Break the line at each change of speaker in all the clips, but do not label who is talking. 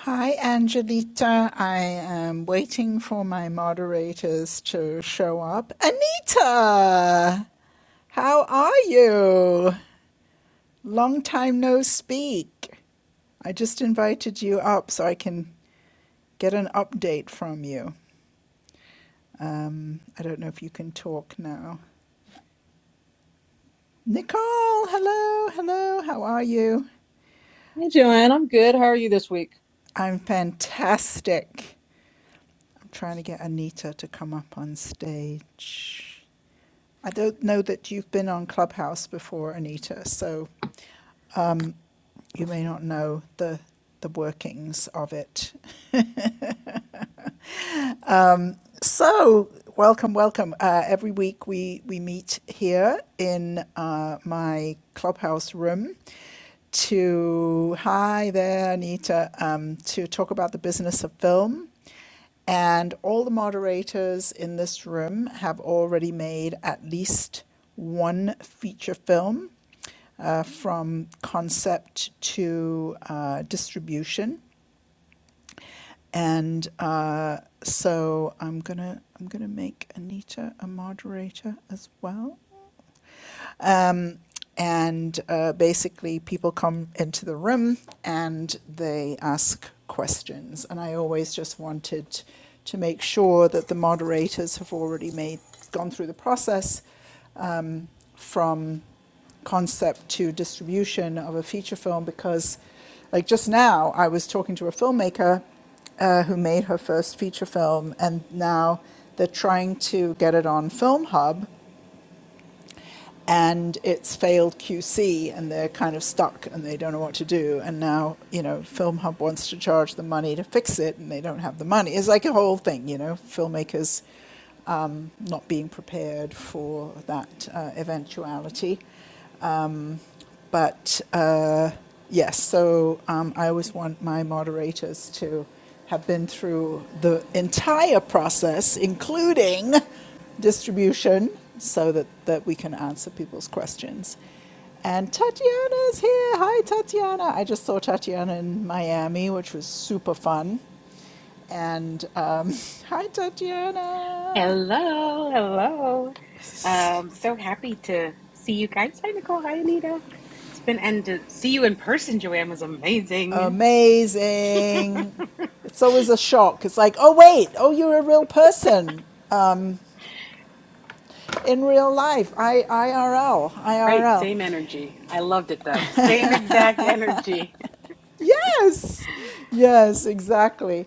Hi, Angelita. I am waiting for my moderators to show up. Anita, how are you? Long time no speak. I just invited you up so I can get an update from you. Um, I don't know if you can talk now. Nicole, hello, hello, how are you?
Hey, Joanne. I'm good. How are you this week?
I'm fantastic. I'm trying to get Anita to come up on stage. I don't know that you've been on Clubhouse before, Anita, so you may not know the the workings of it. So, welcome, welcome. Uh, every week we we meet here in uh, my Clubhouse room to hi there, Anita, um, to talk about the business of film. And all the moderators in this room have already made at least one feature film uh, from concept to uh, distribution. And uh, so I'm gonna I'm gonna make Anita a moderator as well. And uh, basically, people come into the room and they ask questions. And I always just wanted to make sure that the moderators have already made gone through the process from concept to distribution of a feature film because, like just now, I was talking to a filmmaker uh, who made her first feature film, and now they're trying to get it on Film Hub, and it's failed QC, and they're kind of stuck, and they don't know what to do. And now, you know, Film Hub wants to charge the money to fix it, and they don't have the money. It's like a whole thing, you know, filmmakers um, not being prepared for that uh, eventuality. But uh, yes, so um, I always want my moderators to have been through the entire process, including distribution, so that, that we can answer people's questions. And Tatiana's here. Hi, Tatiana. I just saw Tatiana in Miami, which was super fun. And um, hi, Tatiana.
Hello, hello. Um, so happy to see you guys. Hi, Nicole. Hi, Anita. It's been and to see you in person, Joanne, was amazing.
Amazing. It's always a shock. It's like, oh, wait, oh, you're a real person. in real life, I, IRL,
Right,
IRL.
same energy. I loved it though. Same exact energy.
Yes, yes, exactly.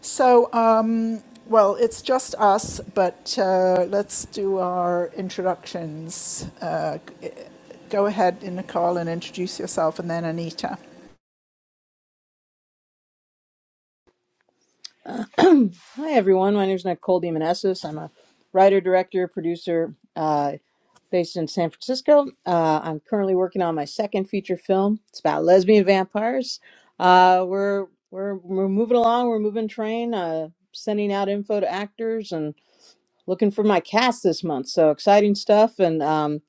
So, um, well, it's just us, but uh, let's do our introductions. Uh, go ahead, Nicole, and introduce yourself, and then Anita.
Hi, everyone. My name is Nicole DeMonesis. I'm a writer, director, producer uh, based in San Francisco. Uh, I'm currently working on my second feature film. It's about lesbian vampires. Uh, we're, we're, we're moving along. We're moving train, uh, sending out info to actors and looking for my cast this month. So exciting stuff. And um,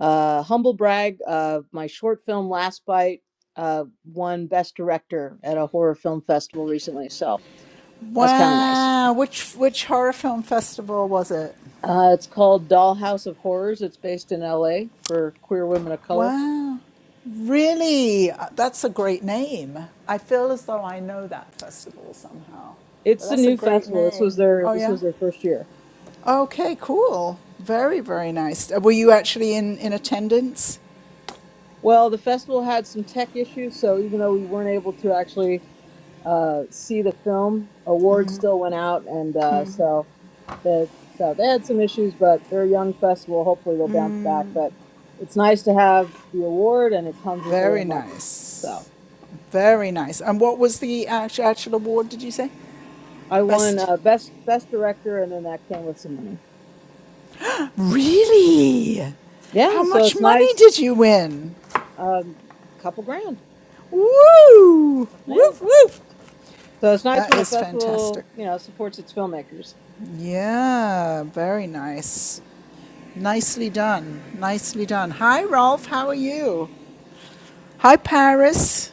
uh, humble brag, uh, my short film, Last Bite, uh, won Best Director at a horror film festival recently. So That's kind of nice.
Wow, which which horror film festival was it?
Uh, it's called Dollhouse of Horrors. It's based in L.A. for queer women of color.
Wow. Really? Uh, That's a great name. I feel as though I know that festival somehow. But
It's a
that's a
new
great
festival. This was
name.
their
Oh,
this
yeah?
was their first year.
Okay, cool. Very, very nice. Uh, Were you actually in, in attendance?
Well, the festival had some tech issues, so even though we weren't able to actually uh, see the film, awards still went out, and uh, so that so they had some issues, but they're a young festival. Hopefully, they'll bounce back. But it's nice to have the award, and it comes with a little
Very
money. So
nice. Very nice. And what was the act- actual award, did you say?
I won
Best.
uh, best best director, and then that came with some money.
Really? How
Yeah, so
much
it's
money
nice.
did you win?
Um, couple grand.
Woo!
Yeah.
Woof, woof.
So it's nice
That
when a
is fantastic.
festival, you know, supports its filmmakers.
Yeah, very nice. Nicely done. Nicely done. Hi, Rolf. How are you? Hi, Paris.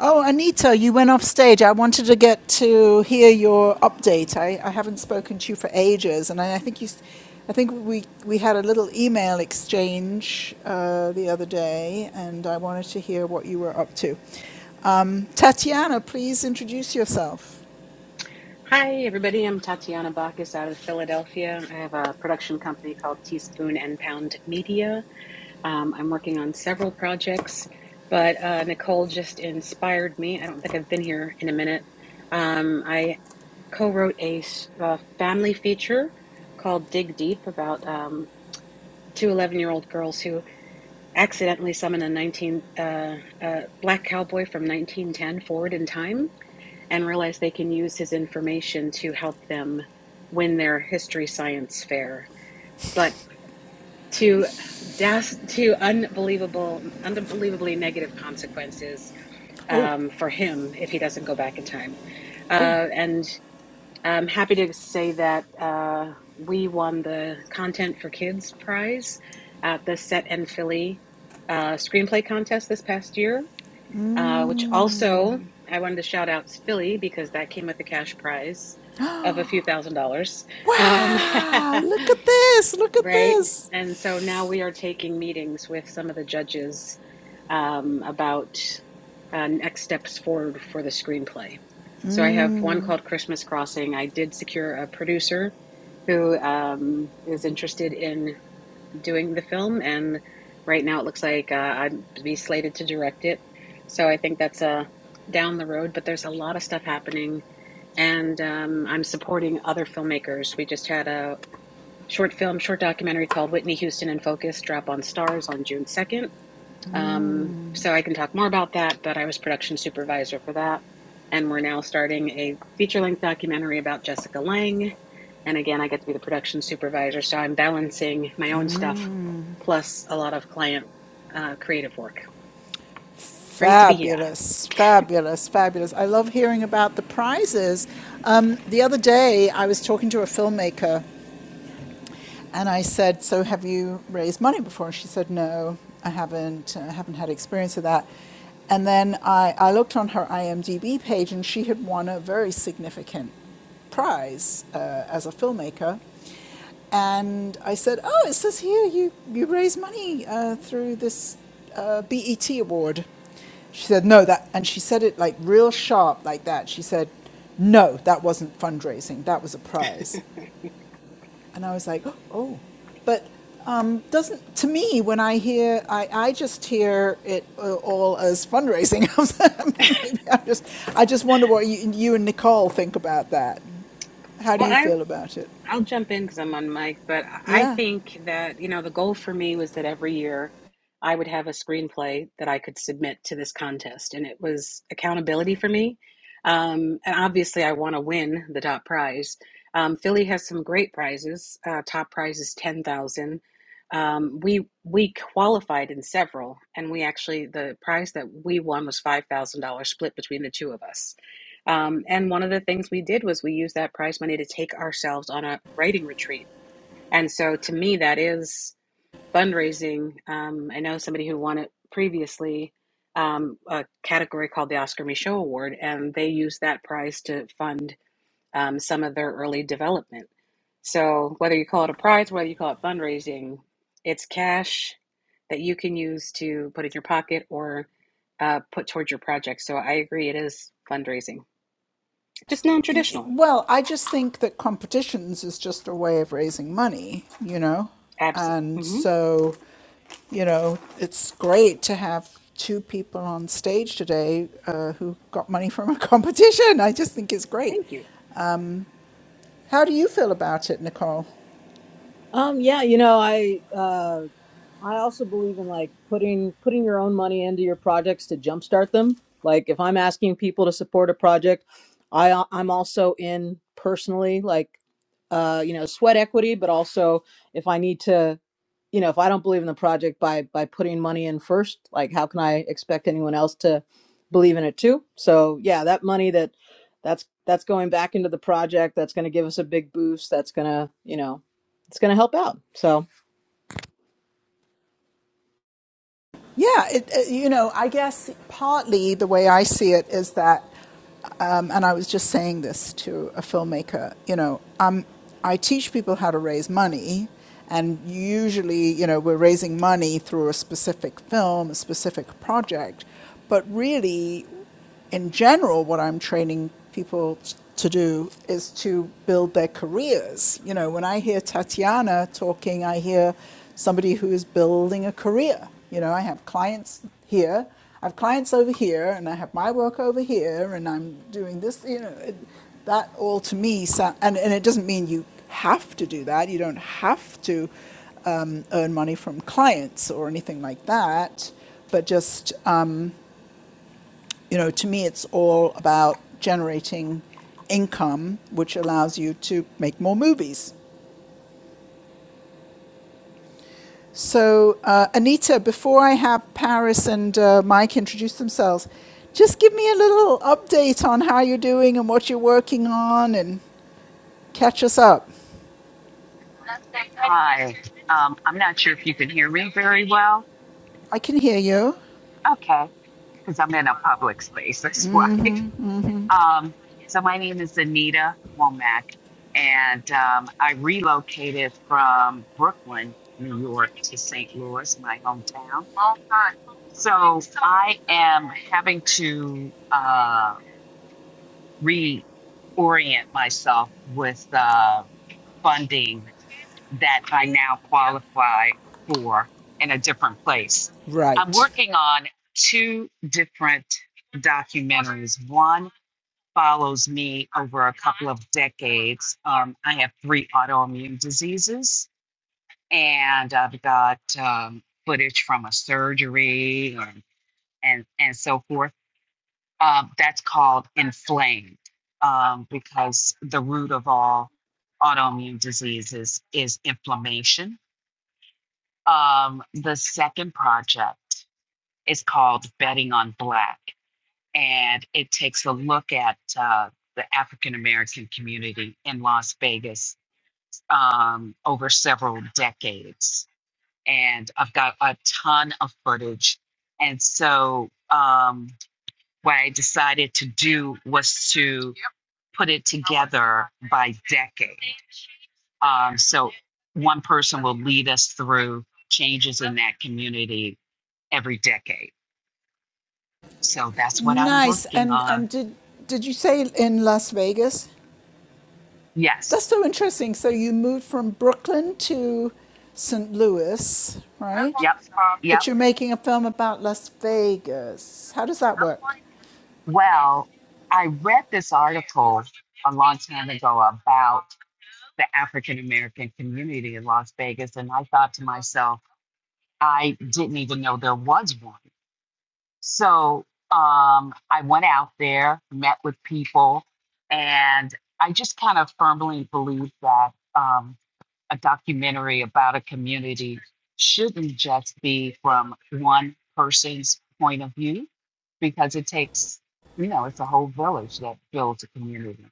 Oh, Anita, you went off stage. I wanted to get to hear your update. I, I haven't spoken to you for ages, and I, I think you, s- I think we we had a little email exchange uh, the other day, and I wanted to hear what you were up to. Um, Tatiana, please introduce yourself.
Hi, everybody. I'm Tatiana Bacchus out of Philadelphia. I have a production company called Teaspoon and Pound Media. Um, I'm working on several projects, but uh, Nicole just inspired me. I don't think I've been here in a minute. Um, I co-wrote a a uh, family feature called Dig Deep about um, 2 11-year-old girls who accidentally summon a 19 uh, uh, black cowboy from 1910 forward in time and realize they can use his information to help them win their history science fair. But to das to unbelievable, unbelievably negative consequences um,
Oh,
for him if he doesn't go back in time Uh, and. I'm happy to say that uh, we won the Content for Kids prize at the Set and Philly uh, screenplay contest this past year, uh, which also I wanted to shout out Philly because that came with a cash prize of a few thousand dollars. Um,
Wow, look at this, look at
Right.
this.
And so now we are taking meetings with some of the judges um, about uh, next steps forward for the screenplay. So I have one called Christmas Crossing. I did secure a producer who um, is interested in doing the film, and right now it looks like uh, I'd be slated to direct it. So I think that's uh, down the road, but there's a lot of stuff happening, and um, I'm supporting other filmmakers. We just had a short film, short documentary called Whitney Houston in Focus, drop on Stars on June 2nd. Um, so I can talk more about that, but I was production supervisor for that. And we're now starting a feature length documentary about Jessica Lange. And again, I get to be the production supervisor. So I'm balancing my own stuff plus a lot of client uh, creative work. Great to be here.
Fabulous, fabulous, fabulous. I love hearing about the prizes. Um, the other day, I was talking to a filmmaker And I said, "So have you raised money before?" And she said, "No, I haven't. I haven't had experience of that." And then I, I looked on her IMDb page, and she had won a very significant prize uh, as a filmmaker. And I said, "Oh, it says here you you raise money uh, through this uh, BET award." She said, "No, that," and she said it like real sharp, like that. She said, "No, that wasn't fundraising. That was a prize." And I was like, oh, but um, doesn't, to me, when I hear, I, I just hear it uh, all as fundraising. Maybe I just, I just wonder what you, you and Nicole think about that. How do
Well,
you
I
feel about it?
I'll jump in because I'm on mic, but I I
Yeah.
think that, you know, the goal for me was that every year I would have a screenplay that I could submit to this contest. And it was accountability for me. Um, and obviously, I want to win the top prize. Um, Philly has some great prizes. Uh, top prize is 10000 um, we we qualified in several, and we actually the prize that we won was five thousand dollars split between the two of us. Um, and one of the things we did was we used that prize money to take ourselves on a writing retreat. And so to me, that is fundraising. Um, I know somebody who won it previously, um, a category called the Oscar Michaud Award, and they used that prize to fund um, some of their early development. So whether you call it a prize, whether you call it fundraising, it's cash that you can use to put in your pocket or uh, put towards your project. So I agree, it is fundraising. Just non-traditional.
Well, I just think that competitions is just a way of raising money, you know?
Absolutely.
And
hmm
so, you know, it's great to have two people on stage today uh, who got money from a competition. I just think it's great.
Thank you.
How do you feel about it, Nicole?
Um, yeah, you know, I uh, I also believe in like putting putting your own money into your projects to jumpstart them. Like if I'm asking people to support a project, I uh, I'm also in personally like uh, you know, sweat equity, but also if I need to, you know, if I don't believe in the project by by putting money in first, like how can I expect anyone else to believe in it too? So, yeah, that money that that's that's going back into the project, that's going to give us a big boost, that's going to, you know, it's going to help out. So
Yeah, it, it, you know, I guess partly the way I see it is that, um, and I was just saying this to a filmmaker, you know, um, I teach people how to raise money, and usually, you know, we're raising money through a specific film, a specific project, but really, in general, what I'm training people to do is to build their careers. You know, when I hear Tatiana talking, I hear somebody who is building a career. You know, I have clients here, I have clients over here, and I have my work over here, and I'm doing this. You know, it, that all to me, so, and, and it doesn't mean you have to do that. You don't have to um, earn money from clients or anything like that, but just you know, to me, it's all about generating income, which allows you to make more movies. So, uh, Anita, before I have Paris and uh, Mike introduce themselves, just give me a little update on how you're doing and what you're working on and catch us up.
Hi, can you hear me very well?
I can hear you.
Okay, because I'm in a public space, that's why. Um, so my name is Anita Womack, and um, I relocated from Brooklyn, New York, to St. Louis, my hometown. So I am having to uh, reorient myself with uh, funding that I now qualify for in a different place. I'm
Right.
working on two different documentaries. One follows me over a couple of decades. Um, I have three autoimmune diseases, and I've got um, footage from a surgery and, and, and so forth. Um, that's called inflamed um, because the root of all autoimmune diseases is inflammation Um, the second project is called Betting on Black, and it takes a look at uh, the African American community in Las Vegas um, over several decades. And I've got a ton of footage. And so, um, what I decided to do was to put it together by decade. Um, so, one person will lead us through changes in that community every decade. So that's what I'm
Nice.
working
And, and
on.
did, did you say in Las Vegas? That's
Yes.
so interesting. So you moved from Brooklyn to St. Louis,
Yep.
right?
Yep.
But you're making a film about Las Vegas. How does that work?
Well, I read this article a long time ago about the African American community in Las Vegas, and I thought to myself, I didn't even know there was one. So um, I went out there, met with people, and I just kind of firmly believe that. Um, a documentary about a community shouldn't just be from one person's point of view because it takes, you know, it's a whole village that builds a community.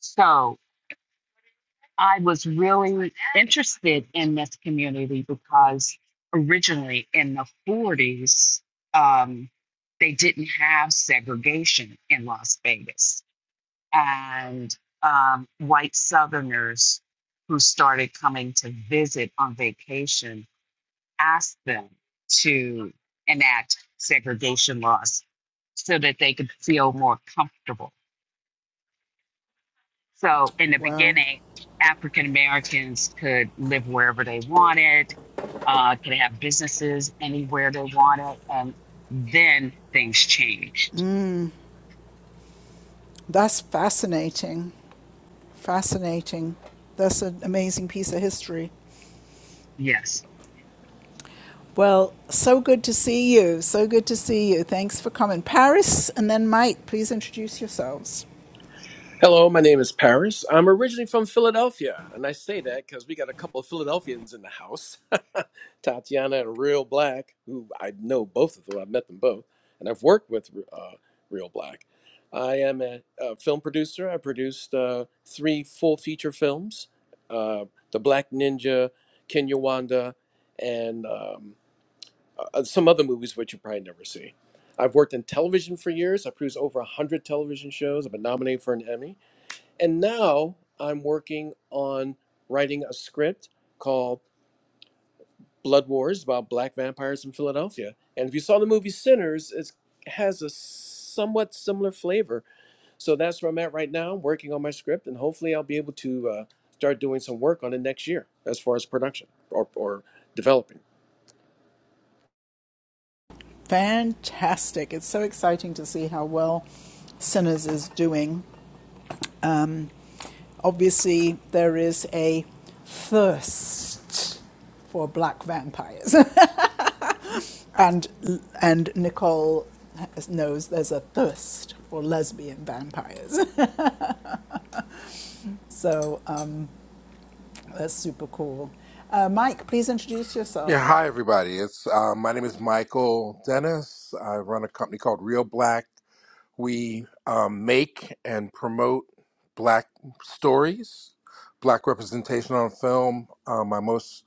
So I was really interested in this community because originally in the 40s, um, they didn't have segregation in Las Vegas and um, white Southerners who started coming to visit on vacation asked them to enact segregation laws so that they could feel more comfortable. So, in the
Wow.
beginning, African Americans could live wherever they wanted, uh, could have businesses anywhere they wanted, and then things changed.
That's fascinating. Fascinating. That's an amazing piece of history.
Yes.
Well, so good to see you. So good to see you. Thanks for coming. Paris and then Mike, please introduce yourselves.
Hello, my name is Paris. I'm originally from Philadelphia, and I say that because we got a couple of Philadelphians in the house Tatiana and Real Black, who I know both of them. I've met them both, and I've worked with uh, Real Black. I am a, a film producer. I produced uh, three full feature films uh, The Black Ninja, Kenya Wanda, and um, uh, uh, some other movies which you probably never see. I've worked in television for years. I produced over 100 television shows. I've been nominated for an Emmy. And now I'm working on writing a script called Blood Wars about black vampires in Philadelphia. And if you saw the movie Sinners, it has a somewhat similar flavor. So that's where I'm at right now. I'm working on my script, and hopefully, I'll be able to uh, start doing some work on it next year as far as production or, or developing.
Fantastic. It's so exciting to see how well Sinners is doing. Obviously, there is a thirst for black vampires, and and Nicole knows there's a thirst for lesbian vampires. So um, that's super cool. Uh, Mike, please introduce yourself.
Yeah, hi everybody. It's uh, my name is Michael Dennis. I run a company called Real Black. We um, make and promote Black stories, Black representation on film. Uh, my most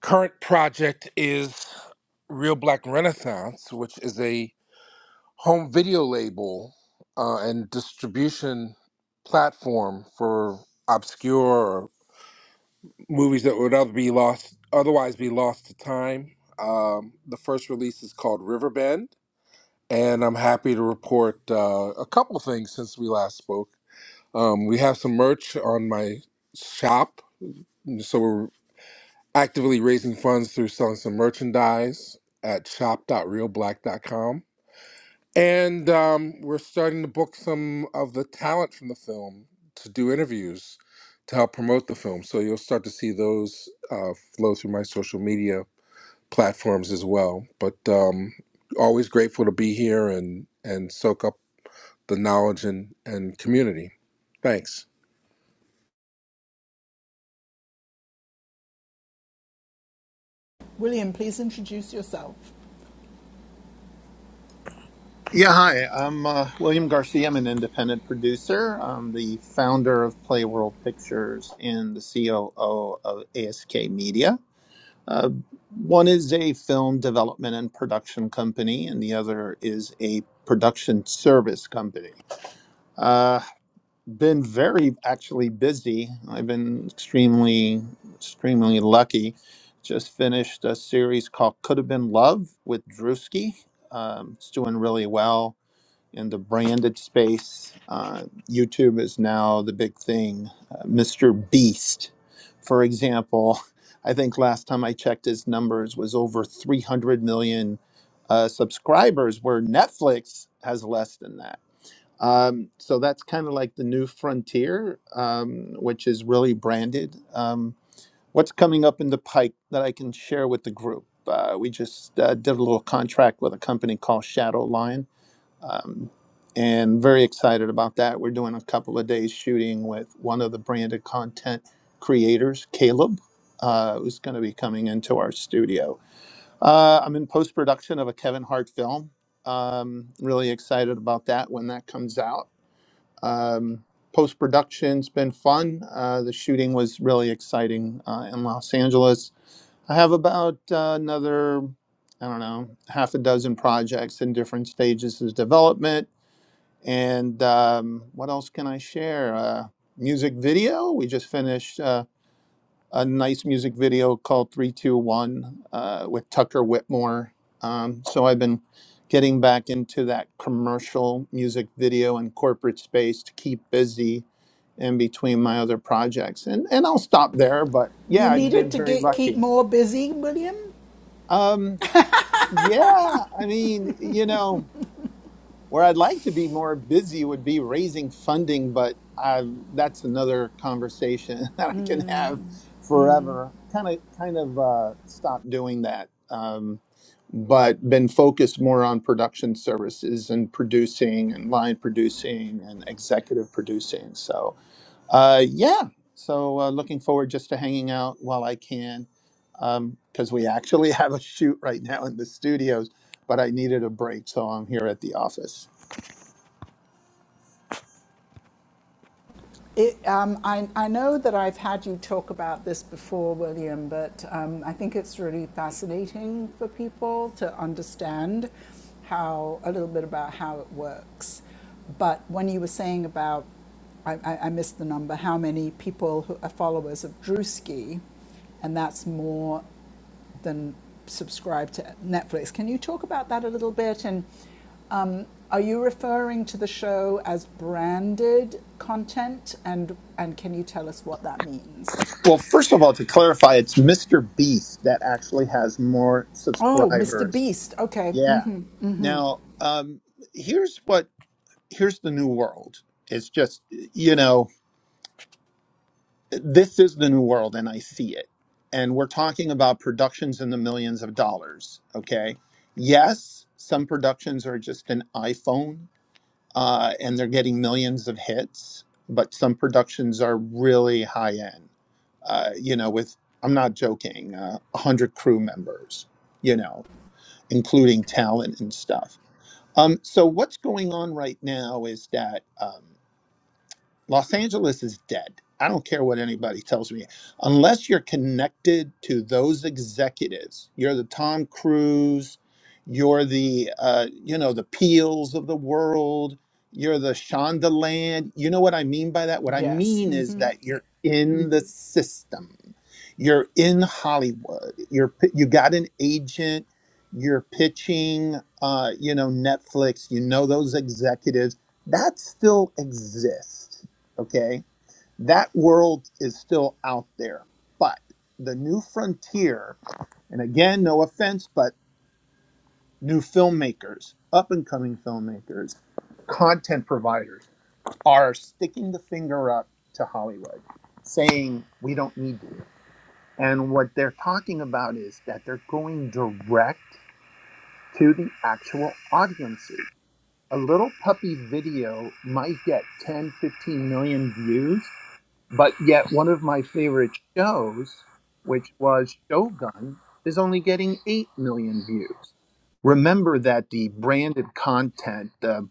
current project is Real Black Renaissance, which is a home video label uh, and distribution platform for obscure movies that would other be lost otherwise be lost to time. Um, the first release is called Riverbend, and I'm happy to report uh, a couple of things since we last spoke. Um, we have some merch on my shop, so we're actively raising funds through selling some merchandise at shop.realblack.com. And um, we're starting to book some of the talent from the film to do interviews to help promote the film. So you'll start to see those uh, flow through my social media platforms as well. But um, always grateful to be here and, and soak up the knowledge and, and community. Thanks.
William, please introduce yourself.
Yeah, hi. I'm uh, William Garcia. I'm an independent producer. I'm the founder of Playworld Pictures and the COO of ASK Media. Uh, one is a film development and production company, and the other is a production service company. Uh, been very actually busy. I've been extremely, extremely lucky. Just finished a series called Could Have Been Love with Drewski. Um, it's doing really well in the branded space. Uh, YouTube is now the big thing. Uh, Mr. Beast, for example, I think last time I checked his numbers was over 300 million uh, subscribers, where Netflix has less than that. Um, so that's kind of like the new frontier, um, which is really branded. Um, what's coming up in the pike that I can share with the group? Uh, we just uh, did a little contract with a company called Shadow Lion um, and very excited about that. We're doing a couple of days shooting with one of the branded content creators, Caleb, uh, who's going to be coming into our studio. Uh, I'm in post production of a Kevin Hart film. Um, really excited about that when that comes out. Um, post production's been fun. Uh, the shooting was really exciting uh, in Los Angeles. I have about uh, another, I don't know, half a dozen projects in different stages of development and um, what else can I share? Uh, music video. We just finished uh, a nice music video called 321 uh, with Tucker Whitmore. Um, so I've been getting back into that commercial music video and corporate space to keep busy in between my other projects. And, and I'll stop there, but
You
yeah, I've
needed
been
to
very
get keep
lucky.
more busy, William.
Um, yeah, I mean, you know. Where I'd like to be more busy would be raising funding, but uh, that's another conversation that I can have forever. Kind of, kind of uh, stopped doing that, um, but been focused more on production services and producing and line producing and executive producing. So, uh, yeah. So uh, looking forward just to hanging out while I can, because we actually have a shoot right now in the studios but I needed a break, so I'm here at the office.
It, um, I, I know that I've had you talk about this before, William, but um, I think it's really fascinating for people to understand how a little bit about how it works. But when you were saying about, I, I, I missed the number, how many people who are followers of Drewski, and that's more than subscribe to Netflix. Can you talk about that a little bit? And um, are you referring to the show as branded content? And and can you tell us what that means?
Well, first of all, to clarify, it's Mr. Beast that actually has more
Oh, Mr.
subscribers.
Beast. Okay. Mm.
Yeah. Now, um, here's what here's the new world. It's just you know this is the new world, and I see it. And we're talking about productions in the millions of dollars. Okay. Yes, some productions are just an iPhone uh, and they're getting millions of hits. But some productions are really high end, uh, you know, with, I'm not joking, uh, 100 crew members, you know, including talent and stuff. Um, so what's going on right now is that. um, Los Angeles is dead. I don't care what anybody tells me. Unless you're connected to those executives, you're the Tom Cruise, you're the uh, you know the Peels of the world, you're the Shondaland. You know what I mean by that? What I
Yes.
mean
Mm.
is that you're in the system. You're in Hollywood. You're pi- you got an agent. You're pitching, uh, you know, Netflix. You know those executives that still exists Okay. That world is still out there. But the new frontier, and again, no offense, but new filmmakers, up and coming filmmakers, content providers are sticking the finger up to Hollywood saying, we don't need you. And what they're talking about is that they're going direct to the actual audiences. A little puppy video might get 10, 15 million views, But yet, one of my favorite shows, which was Shogun, is only getting 8 million views. Remember that the branded content, the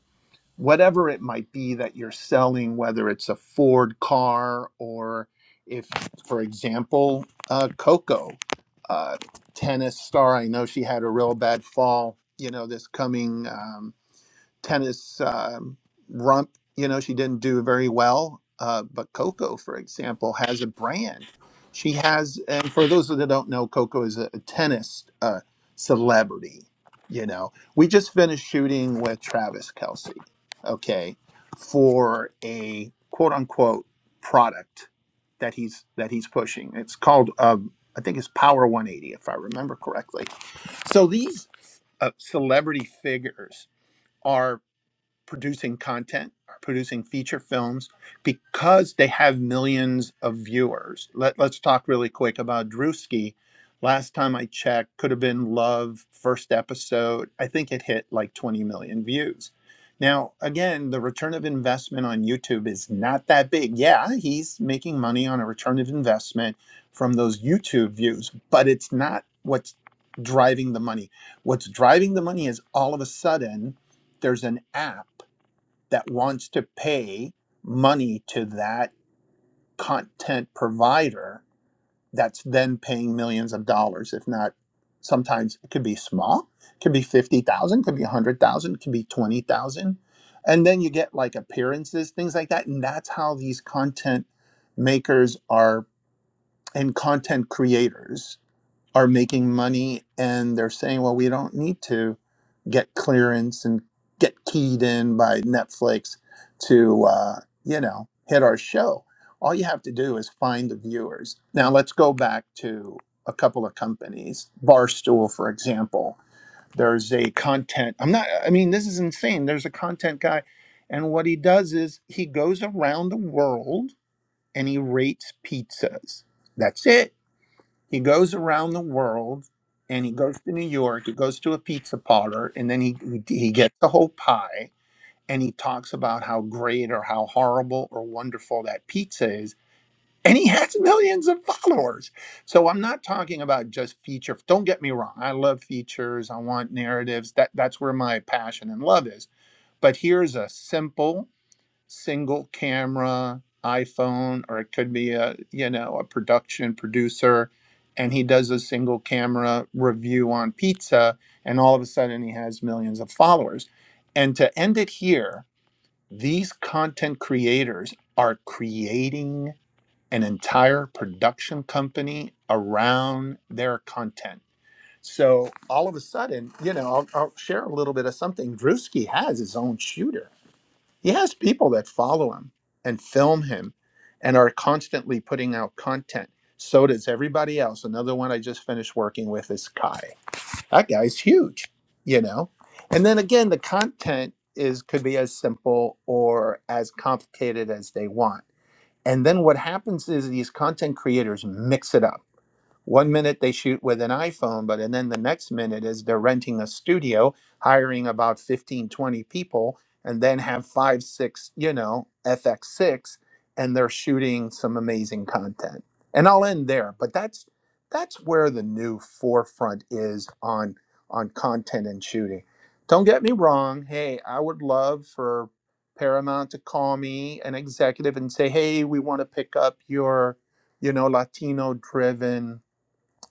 whatever it might be that you're selling, whether it's a Ford car or if, for example, uh, Coco, uh, tennis star, I know she had a real bad fall, you know, this coming. um, tennis um, rump. You know, she didn't do very well. Uh, but Coco, for example, has a brand. She has, and for those that don't know, Coco is a, a tennis uh, celebrity. You know, we just finished shooting with Travis Kelsey, okay, for a quote unquote product that he's that he's pushing. It's called, um, I think it's Power 180, if I remember correctly. So these uh, celebrity figures are producing content, are producing feature films because they have millions of viewers. Let, let's talk really quick about Drewski. Last time I checked, could have been Love, first episode. I think it hit like 20 million views. Now, again, the return of investment on YouTube is not that big. Yeah, he's making money on a return of investment from those YouTube views, but it's not what's driving the money. What's driving the money is all of a sudden there's an app that wants to pay money to that content provider that's then paying millions of dollars if not sometimes it could be small it could be 50,000 could be 100,000 could be 20,000 and then you get like appearances things like that and that's how these content makers are and content creators are making money and they're saying, well, we don't need to get clearance and get keyed in by Netflix to, uh, you know, hit our show. All you have to do is find the viewers. Now, let's go back to a couple of companies. Barstool, for example, there's a content, I'm not, I mean, this is insane. There's a content guy. And what he does is he goes around the world and he rates pizzas. That's it he goes around the world and he goes to New York, he goes to a pizza parlor, and then he, he, he gets the whole pie and he talks about how great or how horrible or wonderful that pizza is. And he has millions of followers. So I'm not talking about just feature. Don't get me wrong. I love features. I want narratives. That that's where my passion and love is. But here's a simple single camera iPhone or it could be a you know a production producer and he does a single camera review on pizza and all of a sudden he has millions of followers and to end it here these content creators are creating an entire production company around their content so all of a sudden you know I'll, I'll share a little bit of something Drewski has his own shooter he has people that follow him and film him and are constantly putting out content. So does everybody else. Another one I just finished working with is Kai. That guy's huge, you know? And then again, the content is could be as simple or as complicated as they want. And then what happens is these content creators mix it up one minute they shoot with an iPhone, but and then the next minute is they're renting a studio, hiring about 15, 20 people, and then have five, six, you know, FX6, and they're shooting some amazing content. And I'll end there, but that's that's where the new forefront is on on content and shooting. Don't get me wrong. Hey, I would love for Paramount to call me an executive and say, "Hey, we want to pick up your, you know, Latino driven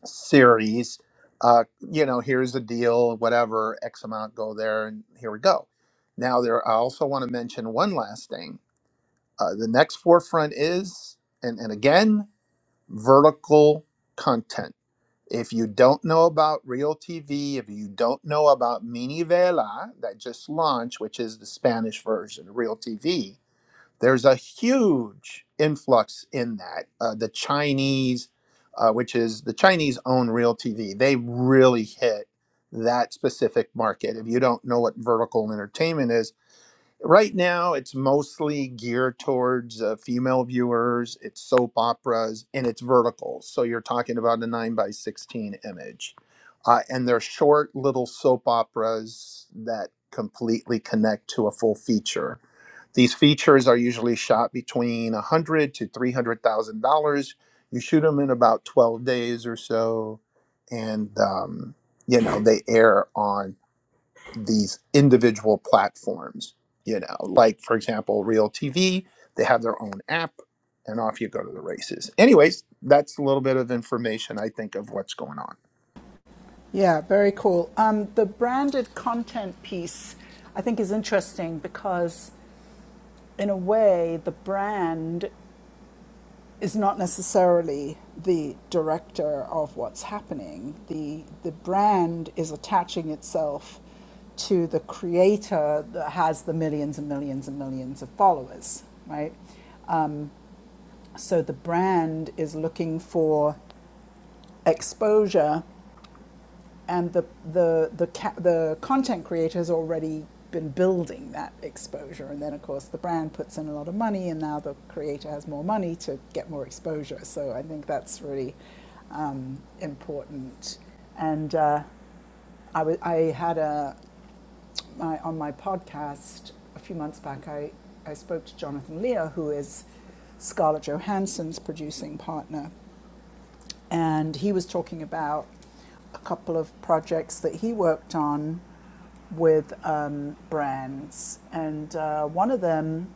series uh, you know here's the deal whatever x amount go there and here we go now there i also want to mention one last thing uh, the next forefront is and, and again vertical content if you don't know about real tv if you don't know about mini vela that just launched which is the spanish version of real tv there's a huge influx in that. Uh, the Chinese, uh, which is the Chinese own real TV, they really hit that specific market. If you don't know what vertical entertainment is, right now it's mostly geared towards uh, female viewers, it's soap operas, and it's verticals. So you're talking about a 9 by 16 image. Uh, and they're short little soap operas that completely connect to a full feature these features are usually shot between 100 to 300,000 dollars. You shoot them in about 12 days or so, and um, you know they air on these individual platforms. You know, like for example, Real TV, they have their own app, and off you go to the races. Anyways, that's a little bit of information I think of what's going on.
Yeah. Very cool. Um, the branded content piece, I think, is interesting because, in a way, the brand is not necessarily the director of what's happening. The the brand is attaching itself to the creator that has the millions and millions and millions of followers, right? So the brand is looking for exposure and the the the ca- the content creator's already been building that exposure and then of course the brand puts in a lot of money and now the creator has more money to get more exposure so i think that's really um, important and uh, I, w- I had a my, on my podcast a few months back i i spoke to jonathan lear who is scarlett johansson's producing partner and he was talking about a couple of projects that he worked on with um, brands, and uh, one of them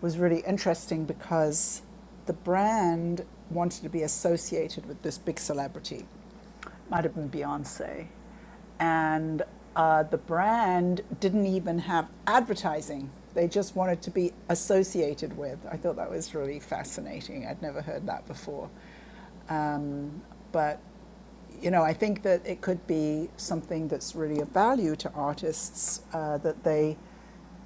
was really interesting because the brand wanted to be associated with this big celebrity, might have been Beyonce, and uh, the brand didn't even have advertising. They just wanted to be associated with. I thought that was really fascinating. I'd never heard that before. Um, but you know, I think that it could be something that's really of value to artists uh, that they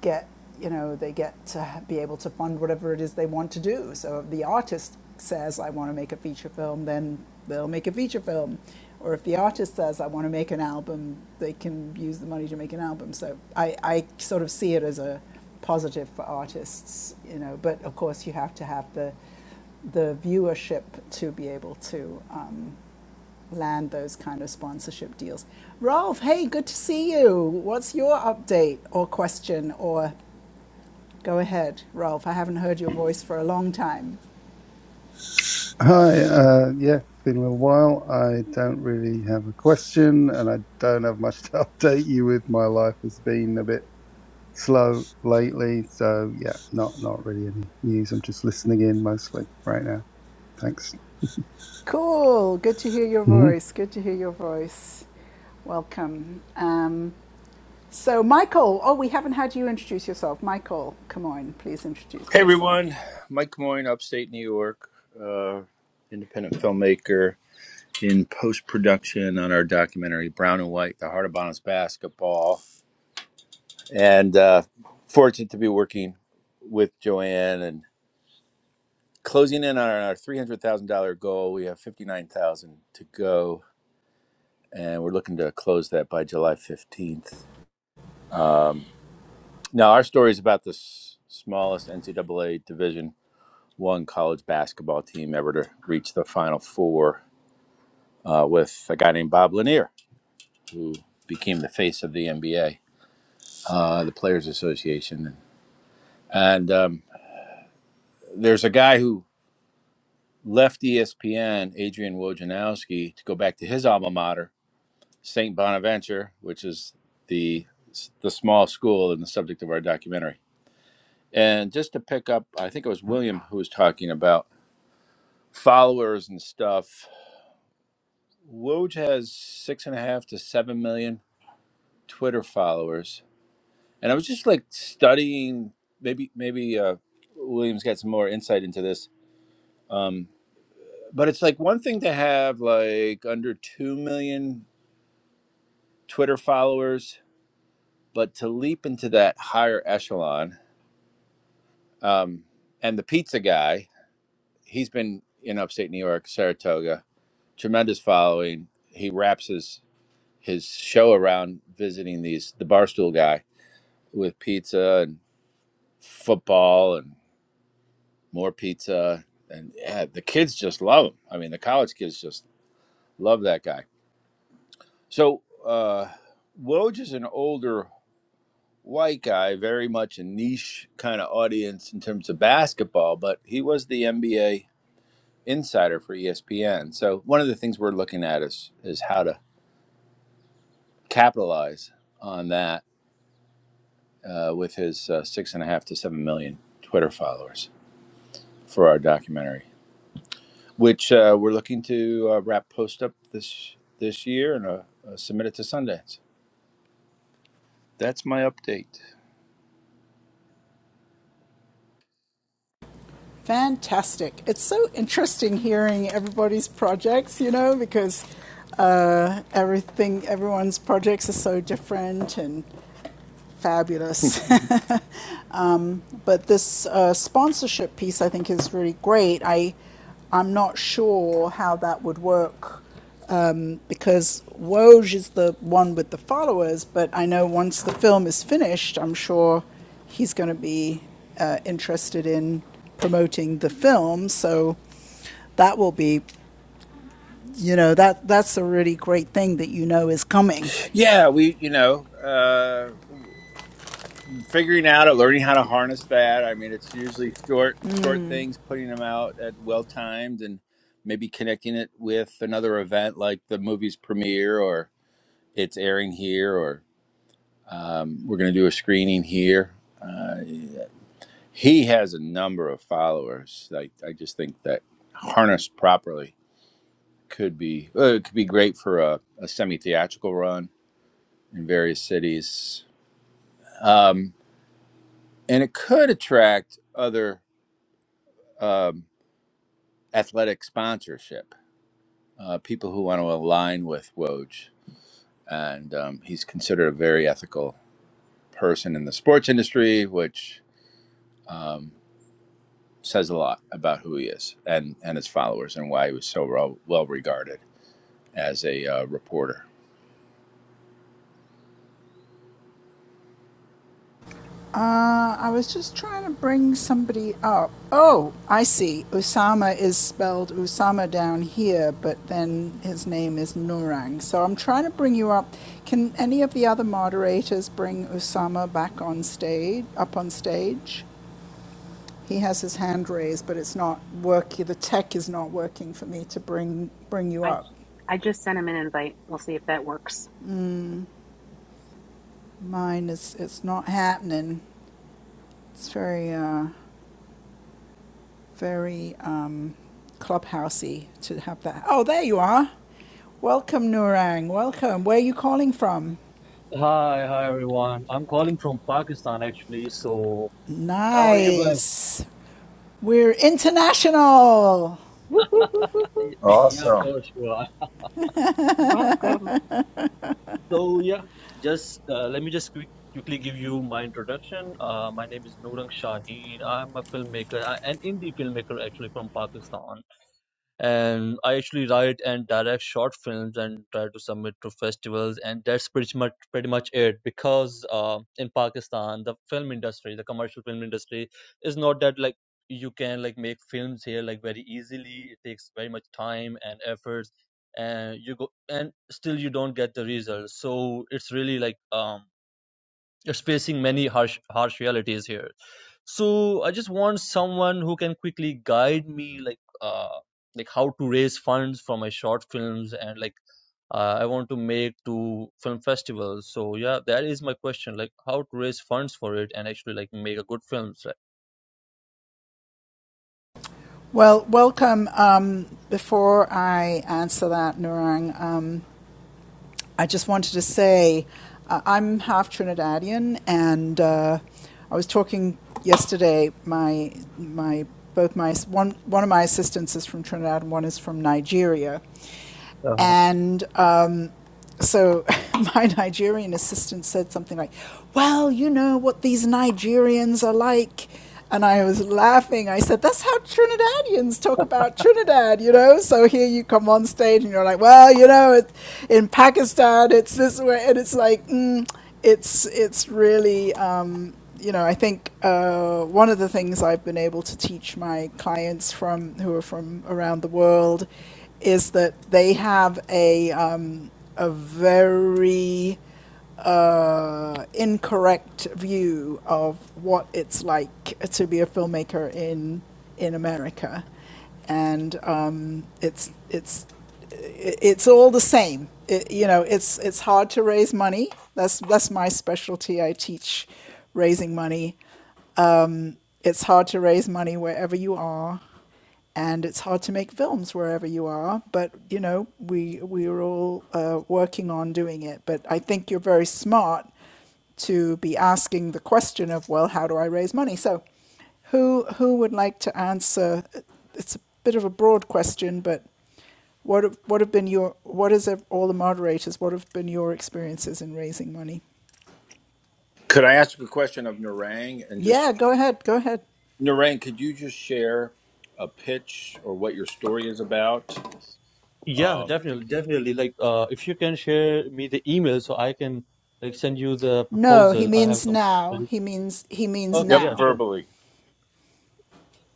get, you know, they get to be able to fund whatever it is they want to do. So if the artist says, I want to make a feature film, then they'll make a feature film. Or if the artist says, I want to make an album, they can use the money to make an album. So I, I sort of see it as a positive for artists, you know, but of course you have to have the the viewership to be able to um, land those kind of sponsorship deals. Rolf, hey, good to see you. What's your update or question? Or go ahead, Rolf. I haven't heard your voice for a long time.
Hi, uh, yeah, it's been a little while. I don't really have a question and I don't have much to update you with. My life has been a bit slow lately, so yeah, not not really any news. I'm just listening in mostly right now. Thanks.
Cool. Good to hear your
hmm
voice. Good to hear your voice. Welcome. Um, so, Michael, oh, we haven't had you introduce yourself. Michael, come on, please introduce
Hey
yourself.
everyone, Mike Moyne, upstate New York, uh, independent filmmaker in post production on our documentary Brown and White, The Heart of Bonus Basketball. And uh, fortunate to be working with Joanne and closing in on our $300,000 goal. We have 59000 to go, and we're looking to close that by July 15th. Now, our story is about the s- smallest NCAA Division one college basketball team ever to reach the Final Four uh, with a guy named Bob Lanier, who became the face of the NBA, uh, the Players Association. And um, there's a guy who left ESPN, Adrian Wojnarowski, to go back to his alma mater, St. Bonaventure, which is the the small school and the subject of our documentary. And just to pick up, I think it was William who was talking about followers and stuff. Woj has six and a half to seven million Twitter followers and I was just like studying. Maybe maybe uh, Williams got some more insight into this. Um, but it's like one thing to have like under two million Twitter followers, but to leap into that higher echelon. Um, and the pizza guy, he's been in upstate New York, Saratoga, tremendous following. He wraps his his show around visiting these the barstool guy with pizza and football and. more pizza, and yeah, the kids just love him. I mean, the college kids just love that guy. So uh, Woj is an older white guy, very much a niche kind of audience in terms of basketball, but he was the NBA insider for ESPN. So one of the things we're looking at is is how to capitalize on that uh, with his uh, six and a half to seven million Twitter followers for our documentary. which uh, we're looking to uh, wrap post up this this year and uh, uh, submit it to Sundance. That's my update.
Fantastic. It's so interesting hearing everybody's projects, you know, because uh, everything, everyone's projects are so different and fabulous. Um, But this uh, sponsorship piece, I think, is really great. I, I'm not sure how that would work um, because Woj is the one with the followers. But I know once the film is finished, I'm sure he's going to be uh, interested in promoting the film. So that will be, you know, that that's a really great thing that you know is coming.
Yeah, we you know uh, figuring out it, learning how to harness that. I mean, it's usually short short things, putting them out at well timed, and maybe connecting it with another event like the movie's premiere or it's airing here, or um, we're going to do a screening here. Uh, He has a number of followers. I, I just think that harnessed properly could be uh, it could be great for a, a semi theatrical run in various cities, um, and it could attract other um, athletic sponsorship. Uh, people who want to align with Woj, and um, he's considered a very ethical person in the sports industry, which um, says a lot about who he is and and his followers and why he was so well well regarded. as a uh, reporter.
Uh, I was just trying to bring somebody up. Oh, I see. Usama is spelled Usama down here, but then his name is Nurang. So I'm trying to bring you up. Can any of the other moderators bring Usama back on stage? Up on stage? He has his hand raised, but it's not working. The tech is not working for me to bring bring you
I
up.
I just sent him an invite. We'll see if that works.
Mine is it's not happening. It's very uh, very um, clubhousey to have that. Oh, there you are. Welcome, Nurang. Welcome. Where are you calling from?
Hi, hi everyone. I'm calling from Pakistan actually. So, how are you going?
Nice. We're international.
Woo, woo, woo, woo, woo.
Y- Yeah, of course, sure.
Welcome.
So, yeah, just uh, let me just quick, quickly give you my introduction. Uh, my name is Noorang Shaheen. I'm a filmmaker, I- an indie filmmaker actually from Pakistan. and I actually write and direct short films and try to submit to festivals, and that's pretty much pretty much it. Because uh, in Pakistan, the film industry, the commercial film industry, is not that like you can like make films here like very easily. It takes very much time and efforts, and you go and still you don't get the results. So it's really like um it's facing many harsh harsh realities here. So I just want someone who can quickly guide me, like uh, like how to raise funds for my short films and like uh, I want to make to film festivals. So yeah, that is my question, like how to raise funds for it and actually like make a good film. So,
Well, welcome. Um, before I answer that, Nurang, I just wanted to say uh, I'm half Trinidadian, and uh, I was talking yesterday. My my both my one one of my assistants is from Trinidad, and one is from Nigeria,
uh,
and. Um, so my Nigerian assistant said something like, "Well, you know what these Nigerians are like. And I was laughing. I said, That's how Trinidadians talk about Trinidad, you know? So here you come on stage and you're like, Well, you know, it, in Pakistan, it's this way. And it's like, mm, it's, it's really, um, you know, I think uh, one of the things I've been able to teach my clients from who are from around the world is that they have a, um, a very uh, incorrect view of what it's like to be a filmmaker in in America, and um, it's it's it's all the same. It, you know, it's it's hard to raise money. That's that's my specialty. I teach raising money it's hard to raise money wherever you are, and it's hard to make films wherever you are. But you know, we we we're all uh, working on doing it. But I think you're very smart to be asking the question of, well, how do I raise money? So, who who would like to answer? It's a bit of a broad question, but what have, what have been your what is all the moderators? What have been your experiences in raising money?
Could I ask a question of Narang and just
Yeah, go ahead, go ahead.
Narang, could you just share a pitch or what your story is about?
yeah,
Um,
definitely, definitely. Like uh, if you can share me the email so I can like send you the
No, he
proposal. I have.
means now.
Completed.
He means he means
Okay,
yep,
yeah,
now.
sure,
verbally.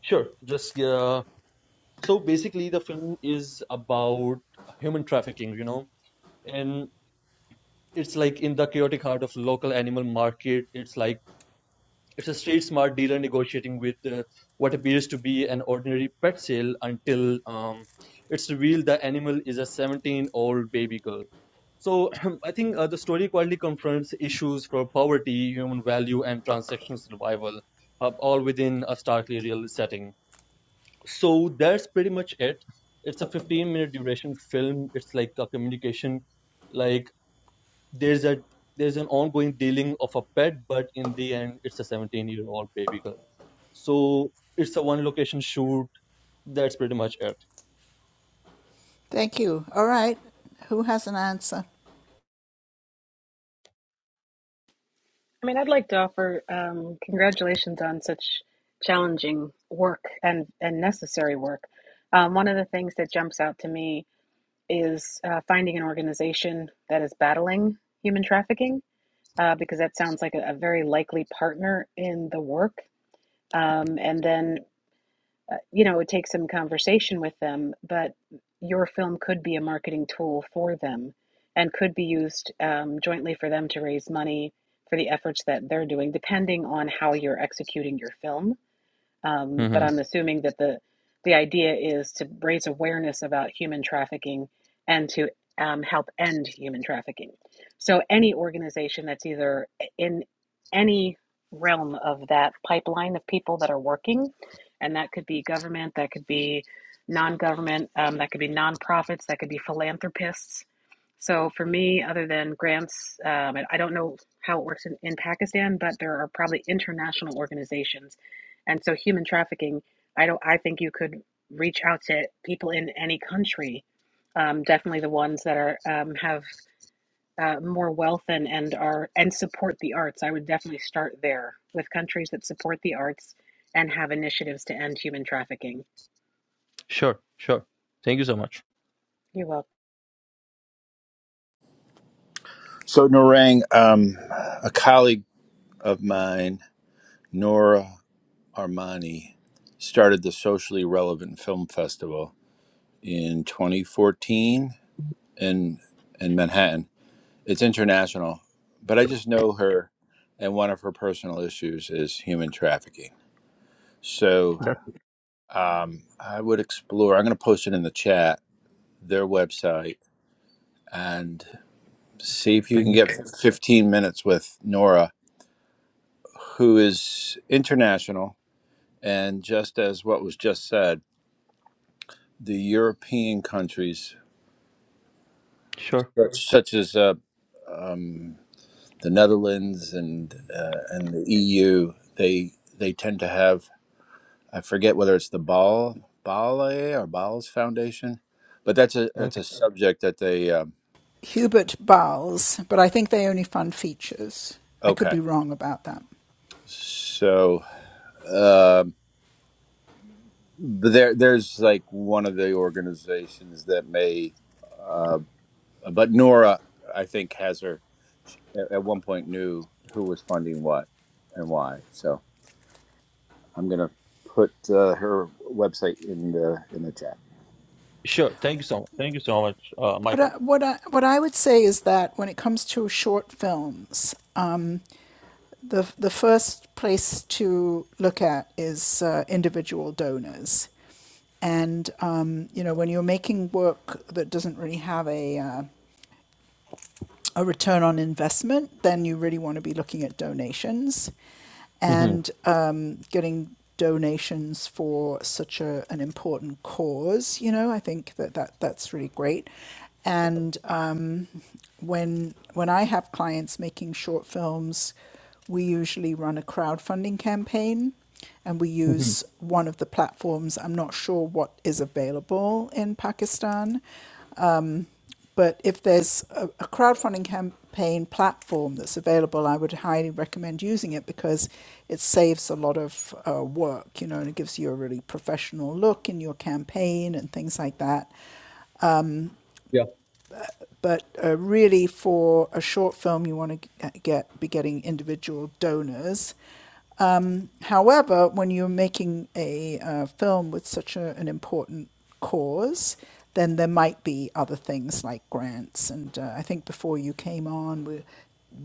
sure. Just yeah. so basically the film is about human trafficking you know and it's like in the chaotic heart of local animal market it's like it's a street smart dealer negotiating with uh, what appears to be an ordinary pet sale until um, it's revealed the animal is a 17 old baby girl so i think uh, the story quietly confronts issues for poverty human value and transactional survival uh, all within a starkly real setting so that's pretty much it it's a 15 minute duration film it's like a communication like there's a there's an ongoing dealing of a pet but in the end it's a 17 year old baby girl so it's a one location shoot that's pretty much it
Thank you. All right. Who has an answer?
I mean, I'd like to offer um, congratulations on such challenging work and, and necessary work. Um, one of the things that jumps out to me is uh, finding an organization that is battling human trafficking, uh, because that sounds like a, a very likely partner in the work. Um, and then uh, you know, it takes some conversation with them, but your film could be a marketing tool for them and could be used um, jointly for them to raise money for the efforts that they're doing, depending on how you're executing your film um, but
Mm-hmm.
I'm assuming that the the idea is to raise awareness about human trafficking and to um, help end human trafficking. So any organization that's either in any realm of that pipeline of people that are working, and that could be government, that could be non-government, um, that could be nonprofits, that could be philanthropists, so for me, other than grants, um, and I don't know how it works in, in Pakistan, but there are probably international organizations, and so human trafficking. I don't. I think you could reach out to people in any country. Um, definitely the ones that are um, have uh, more wealth and and are and support the arts. I would definitely start there with countries that support the arts and have initiatives to end human trafficking.
Sure, sure. Thank you so much.
You're welcome.
So Narang, um, a colleague of mine, Nora Armani, started the Socially Relevant Film Festival in 2014 in in Manhattan. It's international, but I just know her, and one of her personal issues is human trafficking. So.
that
Um, I would explore. I'm going to post it in the chat. Their website and see if you
thank
can get
you
15 minutes with Nora, who is international, and just as what was just said, the European countries
Sure,
such such as uh, um, the Netherlands and uh, and the EU, they they tend to have. I forget whether it's the Ball Bale or Ball's Foundation, but that's a that's
okay.
a subject that they. Um,
Hubert Bowles, but I think they only fund features. I could
okay,
be wrong about that.
so. Um but there, there's like one of the organizations that may, uh, but Nora, I think, has her. she- At at one point, knew who was funding what and why. So I'm gonna put uh, her website in the in the chat.
sure. Thank you so much. Thank you so much, uh,
What I,
Michael.
what I, what I would say is that when it comes to short films, um, the the first place to look at is uh, individual donors. And um, you know, when you're making work that doesn't really have a uh, a return on investment, then you really want to be looking at donations
hmm
and um, getting donations for such a, an important cause. You know, I think that, that that's really great. And um, when when I have clients making short films, we usually run a crowdfunding campaign and we
hmm
use one of the platforms. I'm not sure what is available in Pakistan, but if there's a, a crowdfunding campaign platform that's available, I would highly recommend using it because it saves a lot of uh, work, you know, and it gives you a really professional look in your campaign and things like that.
yeah
But uh, really, for a short film, you want to get be getting individual donors However, when you're making a uh, film with such a, an important cause, then there might be other things like grants. And uh, I think before you came on, we,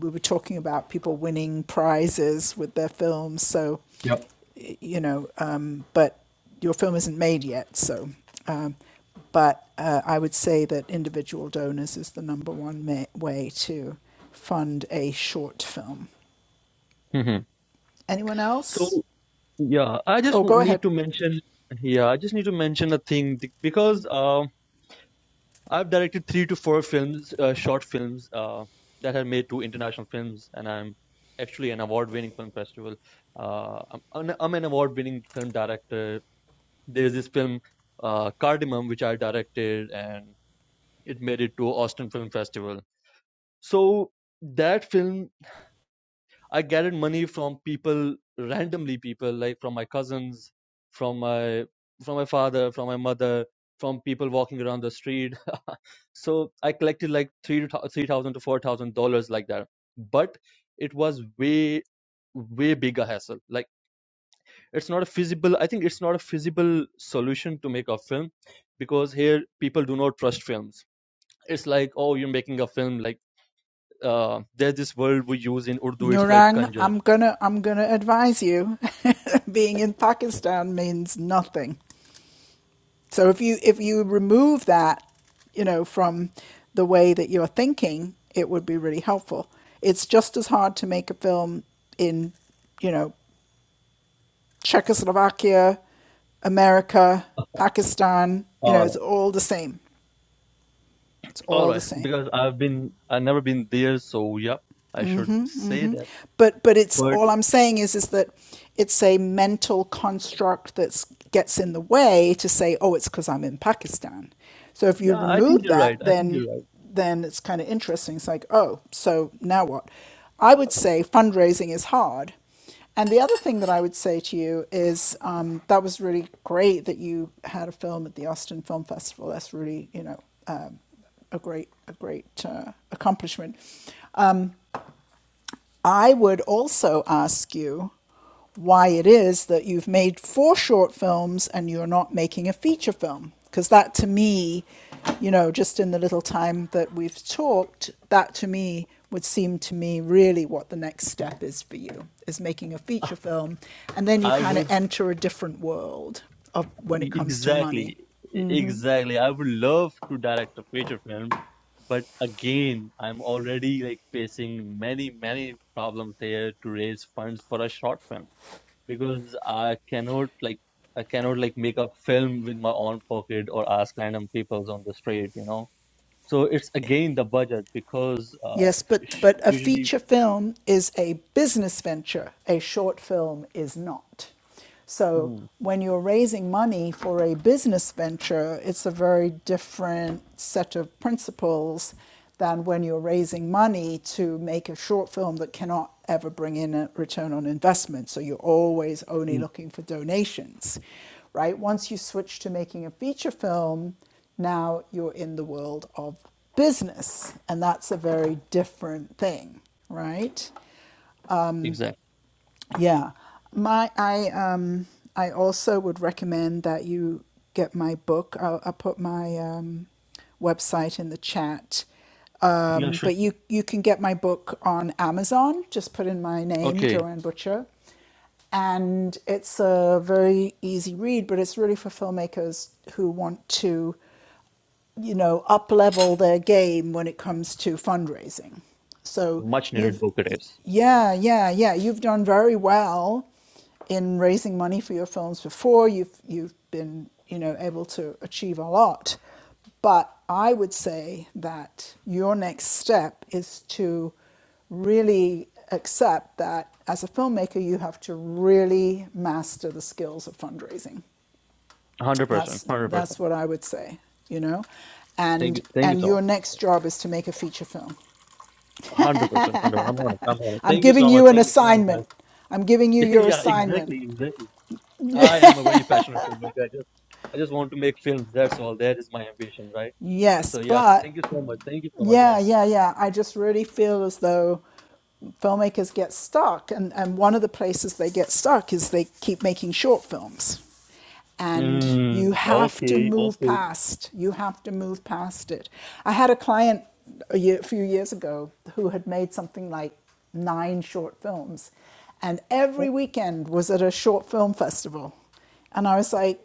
we were talking about people winning prizes with their films. So,
yeah
you know, um, but your film isn't made yet. So, um, but uh, I would say that individual donors is the number one ma- way to fund a short film.
Mm-hmm.
Anyone
so
else?
Yeah, I just
Oh, go
w-
ahead.
need to mention. Yeah, I just need to mention a thing th- because uh, I've directed three to four films, uh, short films uh, that have made to international films, and I'm actually an award-winning film festival. Uh, I'm, an- I'm an award-winning film director. There's this film uh, Cardamom, which I directed, and it made it to Austin Film Festival. So that film I gathered money from people randomly, people like from my cousins, from my from my father, from my mother, from people walking around the street. so I collected like three to three thousand to four thousand dollars like that. But it was way way bigger hassle. Like it's not a feasible. I think it's not a feasible solution to make a film because here people do not trust films. It's like oh, you're making a film like uh, there's this word we use in Urdu. It's like
Nurang,
conjure.
I'm gonna I'm gonna advise you. Being in Pakistan means nothing. So if you if you remove that, you know, from the way that you're thinking, it would be really helpful. It's just as hard to make a film in, you know, Czechoslovakia, America, Pakistan, you know, it's all the same. It's
All
all the
right,
same.
because I've been I've never been there, so yeah, I should say that.
but but it's
But
all I'm saying is is that it's a mental construct that gets in the way to say, oh, it's because I'm in Pakistan. So if you
yeah, I think
remove
you're
that,
right. I think
then
you're right.
then it's kind of interesting. It's like, oh, so now what? I would say fundraising is hard. And the other thing that I would say to you is um, that was really great that you had a film at the Austin Film Festival. That's really, you know, um, a great, a great uh, accomplishment. I would also ask you why it is that you've made four short films and you're not making a feature film. Because that to me, you know, just in the little time that we've talked, that to me would seem to me really what the next step is for you is making a feature film. And then you
I
kind of
would
enter a different world of when it
e-
comes to money.
exactly, e- exactly. I would love to direct a feature film, but again, I'm already like facing many, many problems there to raise funds for a short film because I cannot like I cannot like make a film with my own pocket or ask random people on the street, you know So it's again the budget because uh,
Yes, but
sh-
but a
usually
feature film is a business venture. A short film is not. So
Hmm.
when you're raising money for a business venture, it's a very different set of principles than when you're raising money to make a short film that cannot ever bring in a return on investment. So you're always only
Hmm.
looking for donations, right? Once you switch to making a feature film, now you're in the world of business, and that's a very different thing, right?
exactly.
Yeah, my I um I also would recommend that you get my book. I'll, I'll put my um, website in the chat.
Yeah,
Um,
sure.
but you you can get my book on Amazon. Just put in my name,
Okay,
Joanne Butcher, and it's a very easy read. But it's really for filmmakers who want to you know, up level their game when it comes to fundraising. So
much needed
you've,
book it is.
yeah, yeah, yeah, you've done very well in raising money for your films before. You've you've been you know able to achieve a lot, but I would say that your next step is to really accept that as a filmmaker you have to really master the skills of fundraising
Hundred percent,
that's
hundred
that's
percent.
what I would say, you know.
Thank
And
you, thank you
and your
so
next job is to make a feature film.
much. Hundred percent, hundred. I'm on it. I'm on it.
I'm
Thank you
giving
so much.
you an
Thank you so much,
assignment.
guys.
I'm giving you your
yeah,
assignment.
exactly, exactly. I am a very passionate filmmaker. I just, I just want to make films. That's all. That is my ambition, right?
Yes,
So yeah,
but
thank you so much. Thank you so much,
Yeah,
guys.
yeah, yeah. I just really feel as though filmmakers get stuck, and, and one of the places they get stuck is they keep making short films. And you
Mm,
have to
okay,
move
okay.
past, you have to move past it. I had a client a, year, a few years ago who had made something like nine short films, and every weekend was at a short film festival. And I was like,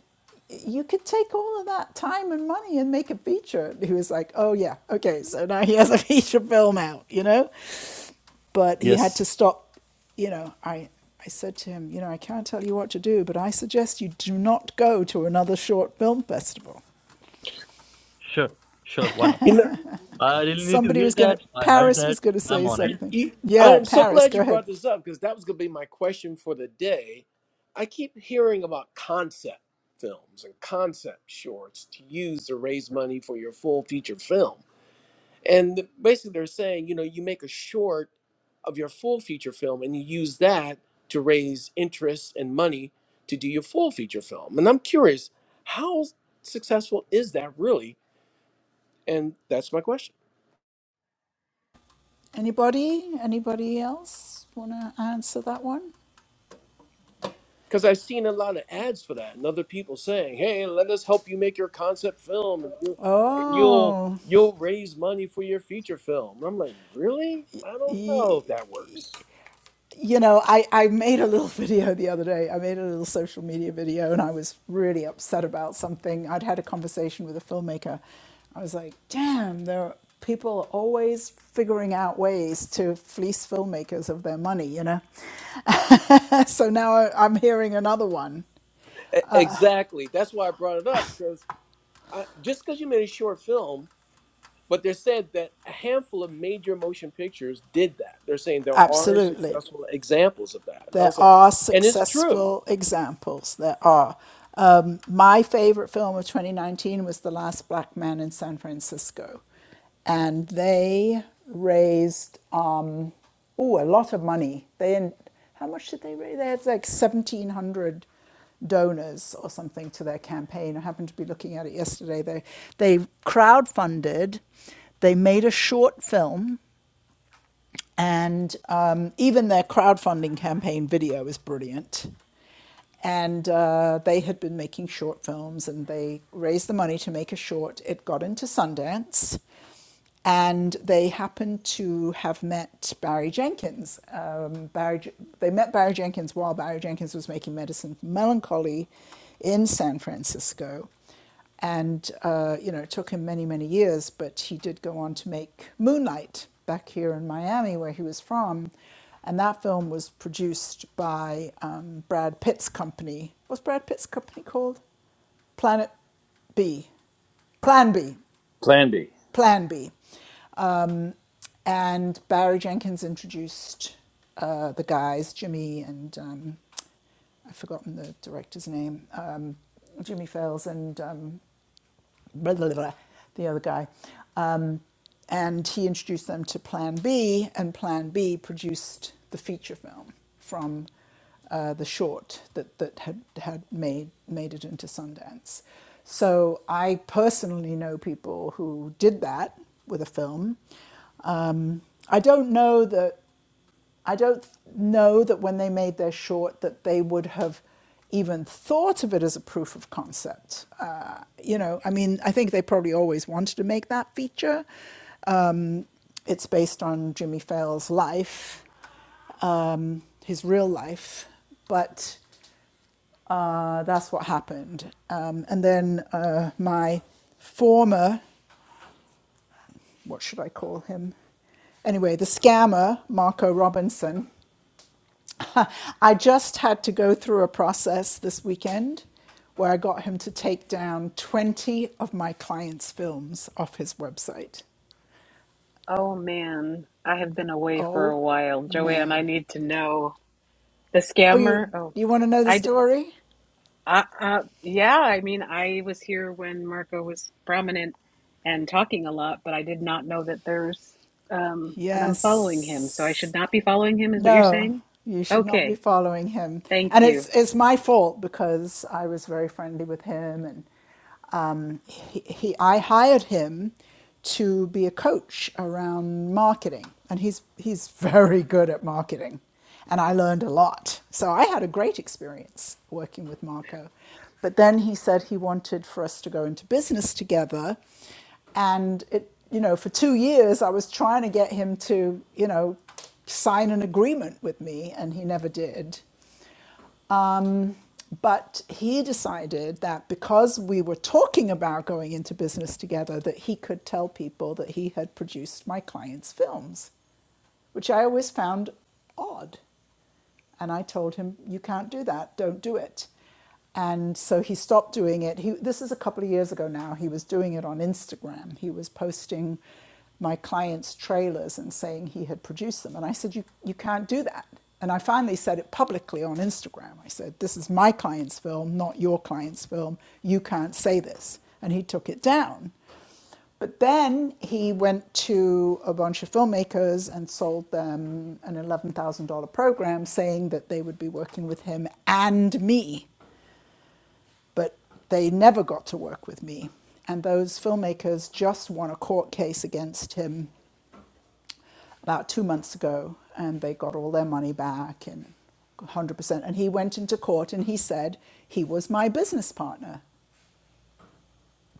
you could take all of that time and money and make a feature. he was like, oh, yeah, okay, so now he has a feature film out, you know? But he had
Yes,
to stop, you know. I, I said to him, you know, I can't tell you what to do, but I suggest you do not go to another short film festival.
sure, sure. Why not?
You know,
I really need to
Somebody
hear
was going to,
that. I heard
Paris
that.
was going to
I'm
say
on it.
You-
something.
you- I
Yeah,
am so
Paris,
glad
go
you
ahead.
brought this up because that was going to be my question for the day. I keep hearing about concept films and concept shorts to use to raise money for your full feature film. And basically, they're saying, you know, you make a short of your full feature film and you use that to raise interest and money to do your full feature film. And I'm curious, how successful is that really? And that's my question.
Anybody? Anybody else want to answer that one?
Because I've seen a lot of ads for that, and other people saying, "Hey, let us help you make your concept film, and you and you'll
Oh,
you'll raise money for your feature film." And I'm like, really? I don't know
e-
if that works.
you know, I, I made a little video the other day. I made a little social media video and I was really upset about something. I'd had a conversation with a filmmaker. I was like, damn, there are, people are always figuring out ways to fleece filmmakers of their money, you know? so now I, I'm hearing another one.
E- exactly. That's why I brought it up because I, just because you made a short film, but they said that a handful of major motion pictures did that. They're saying there are
Absolutely.
successful examples of that, and I
There
was like,
are
and it's true.
successful examples. There are. Um, my favorite film of 2019 was The Last Black Man in San Francisco. And they raised, um, oh, a lot of money. They How much did they raise? They had like 1,700 donors or something to their campaign. I happened to be looking at it yesterday. They, they crowdfunded, they made a short film and um, even their crowdfunding campaign video is brilliant. And uh, they had been making short films, and they raised the money to make a short. It got into Sundance, and they happened to have met Barry Jenkins. Um, Barry, they met Barry Jenkins while Barry Jenkins was making medicine for melancholy in San Francisco, and uh, you know it took him many many years, but he did go on to make Moonlight back here in Miami where he was from, and that film was produced by um, Brad Pitt's company. What's Brad Pitt's company called? Planet B. Plan B.
Plan B.
Plan B. Um, and Barry Jenkins introduced uh, the guys, Jimmy and um, I've forgotten the director's name, um, Jimmy Fails and um, blah, blah, blah, the other guy and he introduced them to Plan B, and Plan B produced the feature film from uh, the short that, that had, had made, made it into Sundance. So I personally know people who did that with a film. Um, I don't know that I don't know that when they made their short that they would have even thought of it as a proof of concept. Uh, you know, I mean, I think they probably always wanted to make that feature, it's based on Jimmy Fallon's life, um, his real life, but uh, that's what happened. Um, and then uh, my former, what should I call him? Anyway, the scammer, Marco Robinson, I just had to go through a process this weekend where I got him to take down 20 of my clients' films off his website.
Oh man, I have been away for
Oh,
a while, Joanne. I
man.
need to know. The
Oh,
scammer.
you,
Oh,
you want to know the
I, d-
story?
I, uh, yeah. I mean, I was here when Marco was prominent and talking a lot, but I did not know that there's. Um, and I'm following him, so I
Yes.
should not be following him, is what you're
No,
saying?
you should not be
Okay.
following him.
Thank
And
you.
it's it's my fault because I was very friendly with him, and um, he, he I hired him to be a coach around marketing, and he's he's very good at marketing, and I learned a lot. So I had a great experience working with Marco. But then he said he wanted for us to go into business together, and it you know for two years I was trying to get him to you know sign an agreement with me, and he never did. Um, but he decided that because we were talking about going into business together, that he could tell people that he had produced my clients' films, which I always found odd. And I told him, You can't do that. Don't do it. And so he stopped doing it. He, this is a couple of years ago now. He was doing it on Instagram. He was posting my clients' trailers and saying he had produced them. And I said, You, you can't do that. And I finally said it publicly on Instagram. I said, This is my client's film, not your client's film. You can't say this. And he took it down. But then he went to a bunch of filmmakers and sold them an $11,000 program saying that they would be working with him and me. But they never got to work with me. And those filmmakers just won a court case against him about two months ago and they got all their money back and 100%. And he went into court and he said he was my business partner.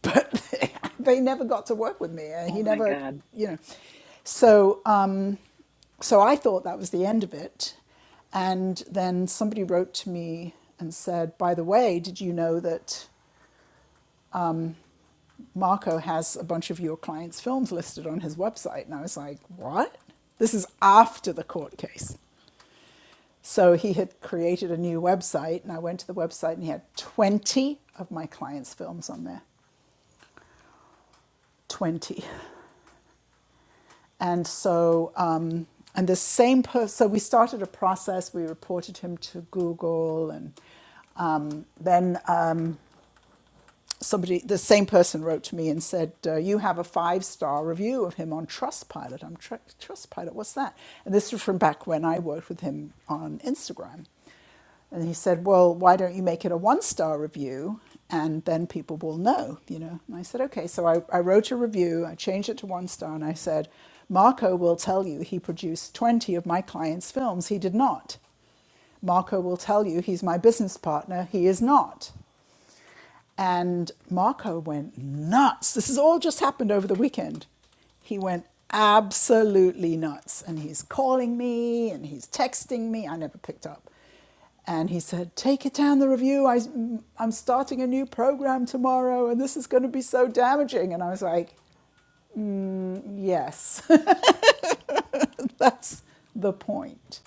but they never got to work with me. Uh,
Oh
He
my
never,
God.
you know. So, um, so I thought that was the end of it. And then somebody wrote to me and said, by the way, did you know that Marco has a bunch of your clients' films listed on his website? And I was like, what? This is after the court case. So he had created a new website, and I went to the website and he had 20 of my clients' films on there. 20. And so, um, and the same person, so we started a process, we reported him to Google and um, then somebody, the same person wrote to me and said, uh, You have a five star review of him on Trustpilot. I'm tr- Trustpilot, what's that? And this was from back when I worked with him on Instagram. And he said, Well, why don't you make it a one star review? And then people will know, you know. And I said, Okay. So I, I wrote a review, I changed it to one star, and I said, Marco will tell you he produced 20 of my clients' films. He did not. Marco will tell you he's my business partner. He is not. And Marco went nuts. This has all just happened over the weekend. He went absolutely nuts. And he's calling me and he's texting me. I never picked up. And he said, Take it down the review. I, I'm starting a new program tomorrow and this is going to be so damaging. And I was like, Yes. That's the point.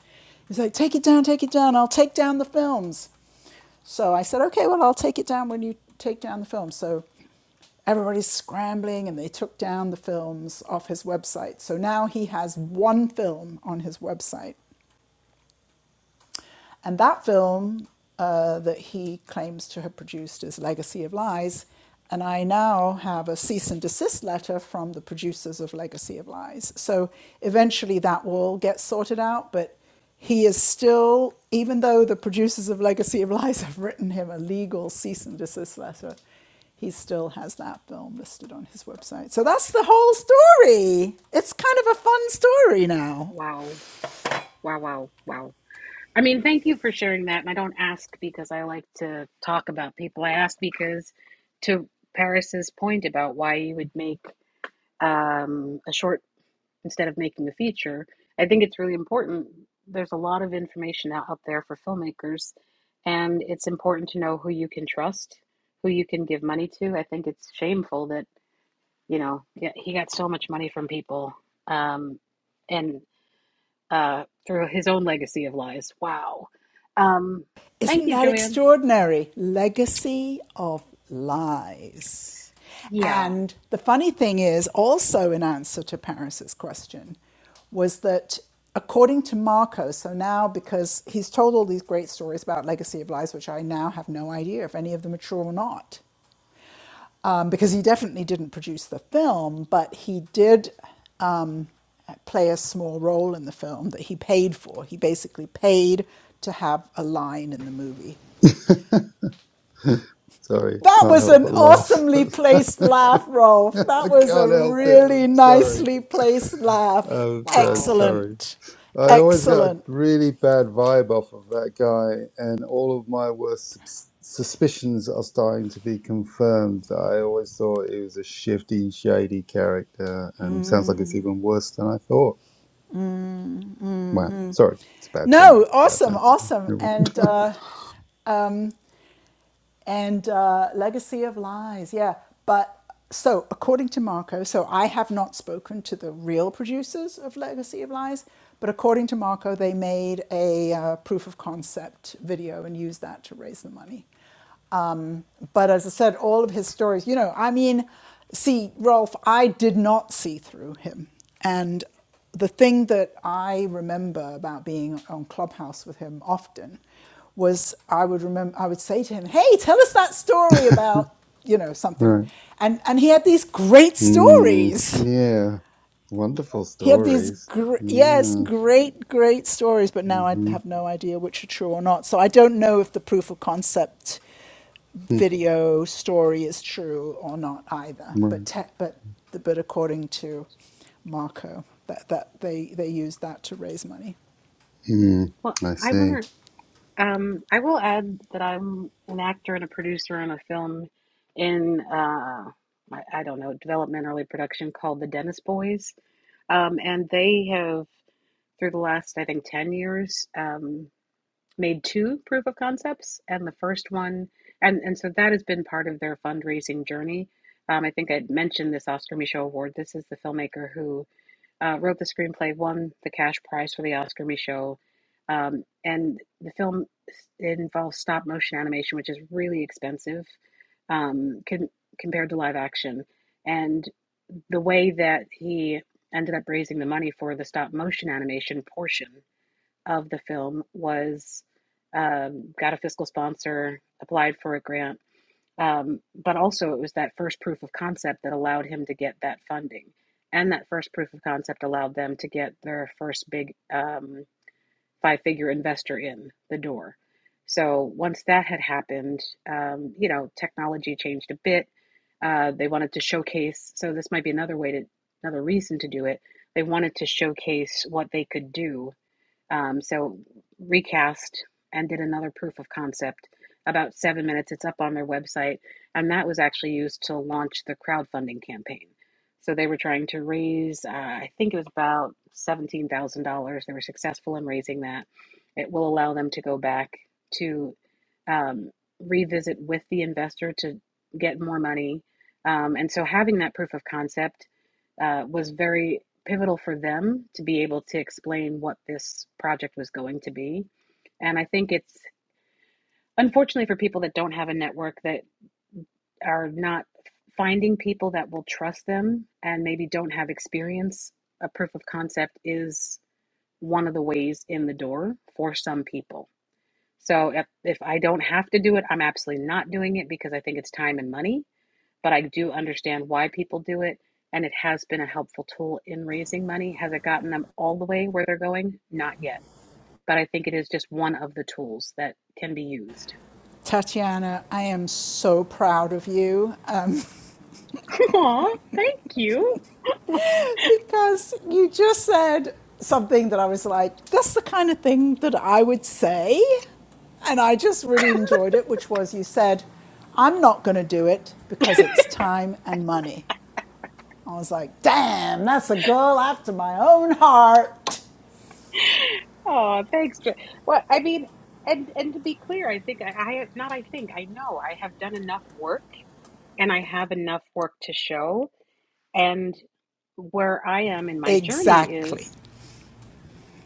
He's like, take it down, take it down. I'll take down the films. So I said, okay, well, I'll take it down when you take down the films. So everybody's scrambling and they took down the films off his website. So now he has one film on his website. And that film uh, that he claims to have produced is Legacy of Lies. And I now have a cease and desist letter from the producers of Legacy of Lies. So eventually that will get sorted out, but he is still, even though the producers of Legacy of Lies have written him a legal cease and desist letter, he still has that film listed on his website. So that's the whole story. It's kind of a fun story now.
Wow. Wow. Wow. Wow. I mean, thank you for sharing that. And I don't ask because I like to talk about people. I ask because, to Paris's point about why you would make um, a short instead of making a feature. I think it's really important. There's a lot of information out, out there for filmmakers, and it's important to know who you can trust, who you can give money to. I think it's shameful that, you know, yeah, he got so much money from people um, and uh, through his own legacy of lies. Wow. Um, thank
Isn't
you,
that
Joanne.
extraordinary? Legacy of lies.
Yeah.
And the funny thing is, also in answer to Paris's question, was that according to Marco, so now because he's told all these great stories about Legacy of Lies, which I now have no idea if any of them are true or not, um, because he definitely didn't produce the film, but he did um, play a small role in the film that he paid for. He basically paid to have a line in the movie.
Sorry,
That
can't
was
help
an
but laugh.
awesomely
I
placed laugh, Rolf. That was a
can't help it.
really
I'm sorry.
nicely placed laugh.
I'm so
Wow.
sorry.
Excellent.
I always got a
Excellent.
really bad vibe off of that guy, and all of my worst sus- suspicions are starting to be confirmed. I always thought he was a shifty, shady character, and sounds like it's even worse than I thought. Wow, sorry, it's a bad some
No,
bad
awesome,
mouth.
awesome.
someone.
And uh, and uh, legacy of lies. Yeah. But so according to Marco, so I have not spoken to the real producers of Legacy of Lies, but according to Marco, they made a uh, proof of concept video and used that to raise the money. Um, But as I said, all of his stories, you know, I mean, see, Rolf, I did not see through him. And the thing that I remember about being on Clubhouse with him often was I would remember I would say to him, "Hey, tell us that story about, you know, something."
right?
And and he had these great
Mm,
stories.
yeah, wonderful
He had these
stories.
gr- yes,
Yeah.
great great stories, but now I
Mm-hmm.
have no idea which are true or not. So I don't know if the proof of concept video story is true or not either. But
Right.
te- but but according to Marco, that, that they they used that to raise money.
Mm,
Well,
I
I
see.
want to. Um, I will add that I'm an actor and a producer on a film in uh, I, I don't know development early production called The Dennis Boys, um, and they have through the last I think ten years um, made two proof of concepts, and the first one, and and so that has been part of their fundraising journey. Um, I think I mentioned this Oscar Michaud Award. This is the filmmaker who uh, wrote the screenplay, won the cash prize for the Oscar Michaud. Um, and the film involves stop motion animation, which is really expensive um, con- compared to live action. And the way that he ended up raising the money for the stop motion animation portion of the film was um, got a fiscal sponsor, applied for a grant, um, but also, it was that first proof of concept that allowed him to get that funding. And that first proof of concept allowed them to get their first big um, five figure investor in the door. So once that had happened, um, you know, technology changed a bit. Uh, they wanted to showcase, so this might be another way to, another reason to do it. They wanted to showcase what they could do um, so recast and did another proof of concept about seven minutes. It's up on their website, and that was actually used to launch the crowdfunding campaign. So they were trying to raise, uh, I think it was about seventeen thousand dollars. They were successful in raising that. It will allow them to go back to um, revisit with the investor to get more money. Um, and so having that proof of concept uh, was very pivotal for them to be able to explain what this project was going to be. And I think it's unfortunately for people that don't have a network that are not finding people that will trust them and maybe don't have experience, a proof of concept is one of the ways in the door for some people. So if, if I don't have to do it, I'm absolutely not doing it because I think it's time and money but I do understand why people do it. And it has been a helpful tool in raising money. Has it gotten them all the way where they're going? Not yet. But I think it is just one of the tools that can be used.
Tatiana, I am so proud of you uh,
Aw, thank you.
because you just said something that I was like, that's the kind of thing that I would say. And I just really enjoyed it, which was you said, I'm not going to do it because it's time and money. I was like, damn, that's a girl after my own heart.
Aw, thanks. Jo- Well, I mean, and and to be clear, I think I, I not. I think I know I have done enough work, and I have enough work to show. And where I am in my journey
Exactly.
is,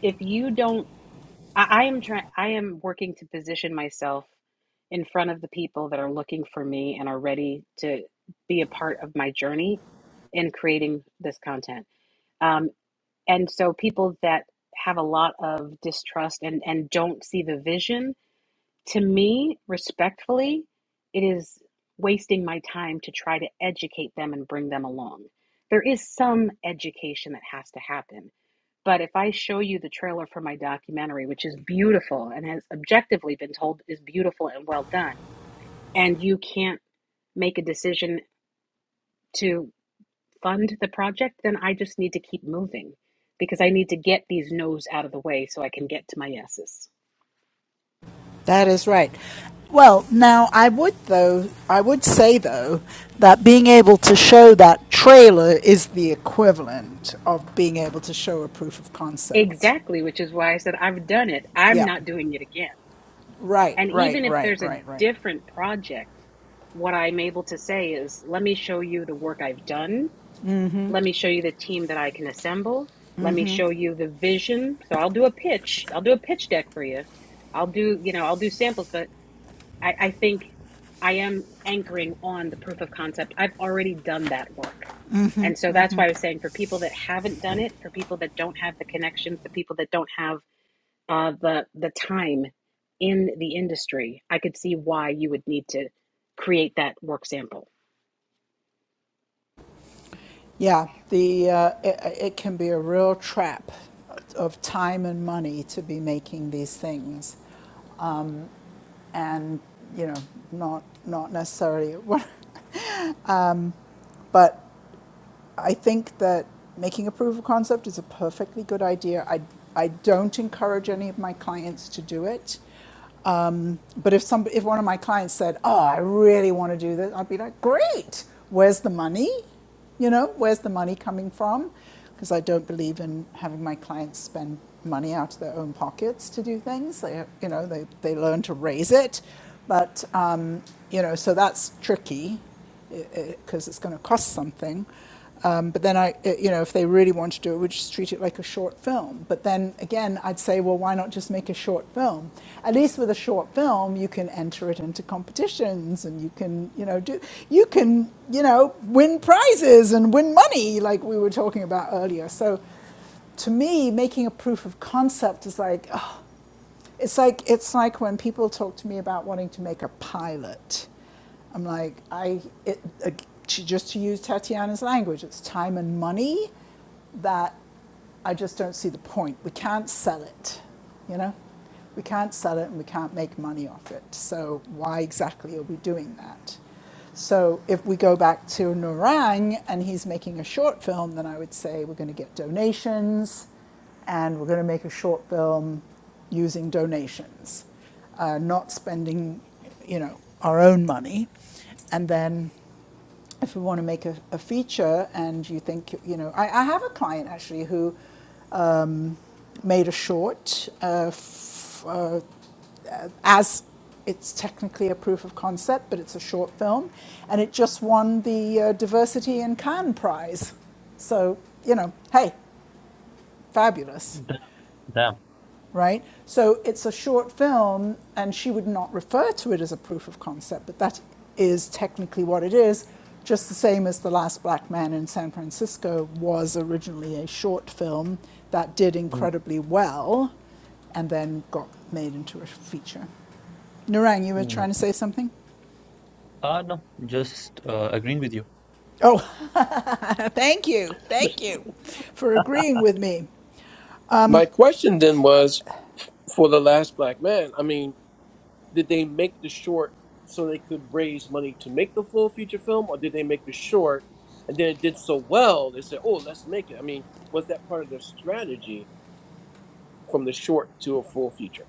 if you don't I, I am trying. I am working to position myself in front of the people that are looking for me and are ready to be a part of my journey in creating this content. Um, and so, people that have a lot of distrust and and don't see the vision, to me, respectfully, it is wasting my time to try to educate them and bring them along. There is some education that has to happen but if I show you the trailer for my documentary, which is beautiful and has objectively been told is beautiful and well done, and you can't make a decision to fund the project, then I just need to keep moving because I need to get these no's out of the way so I can get to my yeses.
That is right. Well, now I would though I would say though that being able to show that trailer is the equivalent of being able to show a proof of concept.
Exactly, which is why I said I've done it. I'm
Yeah.
not doing it again.
Right,
And
right,
even if
right,
there's a
right, right.
different project, what I'm able to say is, let me show you the work I've done Let me show you the team that I can assemble. Let me show you the vision. So I'll do a pitch. I'll do a pitch deck for you. I'll do, you know, I'll do samples, but I, I think I am anchoring on the proof of concept. I've already done that work. And so that's why I was saying for people that haven't done it, for people that don't have the connections, the people that don't have uh, the the time in the industry, I could see why you would need to create that work sample
Yeah, the uh, it, it can be a real trap of time and money to be making these things and you know not not necessarily what but I think that making a proof of concept is a perfectly good idea. I, I don't encourage any of my clients to do it. Um, but if some, if one of my clients said, "Oh, I really want to do this," I'd be like, "Great! Where's the money? You know, where's the money coming from?" Because I don't believe in having my clients spend money out of their own pockets to do things. They, you know, they they learn to raise it, but um, you know, so that's tricky because it, it, it's going to cost something. Um, but then I, it- you know, if they really want to do it, we just treat it like a short film. But then again, I'd say, well, why not just make a short film? At least with a short film, you can enter it into competitions, and you can, you know, do, you can, you know, win prizes and win money, like we were talking about earlier. So, to me, making a proof of concept is like, oh, it's like it's like when people talk to me about wanting to make a pilot. I'm like, I it, uh, just to use Tatiana's language, it's time and money that I just don't see the point. We can't sell it, you know. We can't sell it and we can't make money off it. So why exactly are we doing that? So if we go back to Narang and he's making a short film, then I would say we're going to get donations and we're going to make a short film using donations, uh, not spending, you know, our own money. And then if we want to make a, a feature and you think, you know, I, I have a client actually who made a short uh, f- uh, as it's technically a proof of concept, but it's a short film, and it just won the uh, Diversity in Cannes prize. So, you know, hey, fabulous.
Damn. Damn.
right? So it's a short film, and she would not refer to it as a proof of concept, but that is technically what it is, just the same as The Last Black Man in San Francisco was originally a short film that did
Mm,
incredibly well and then got made into a feature. Narang, you were
mm.
trying to say something?
Ah, no, just uh, agreeing with you.
Oh, thank you, thank you for agreeing with me.
My question then was, for the last black man. I mean, did they make the short so they could raise money to make the full feature film, or did they make the short and then it did so well they said, "Oh, let's make it"? I mean, was that part of their strategy from the short to a full feature?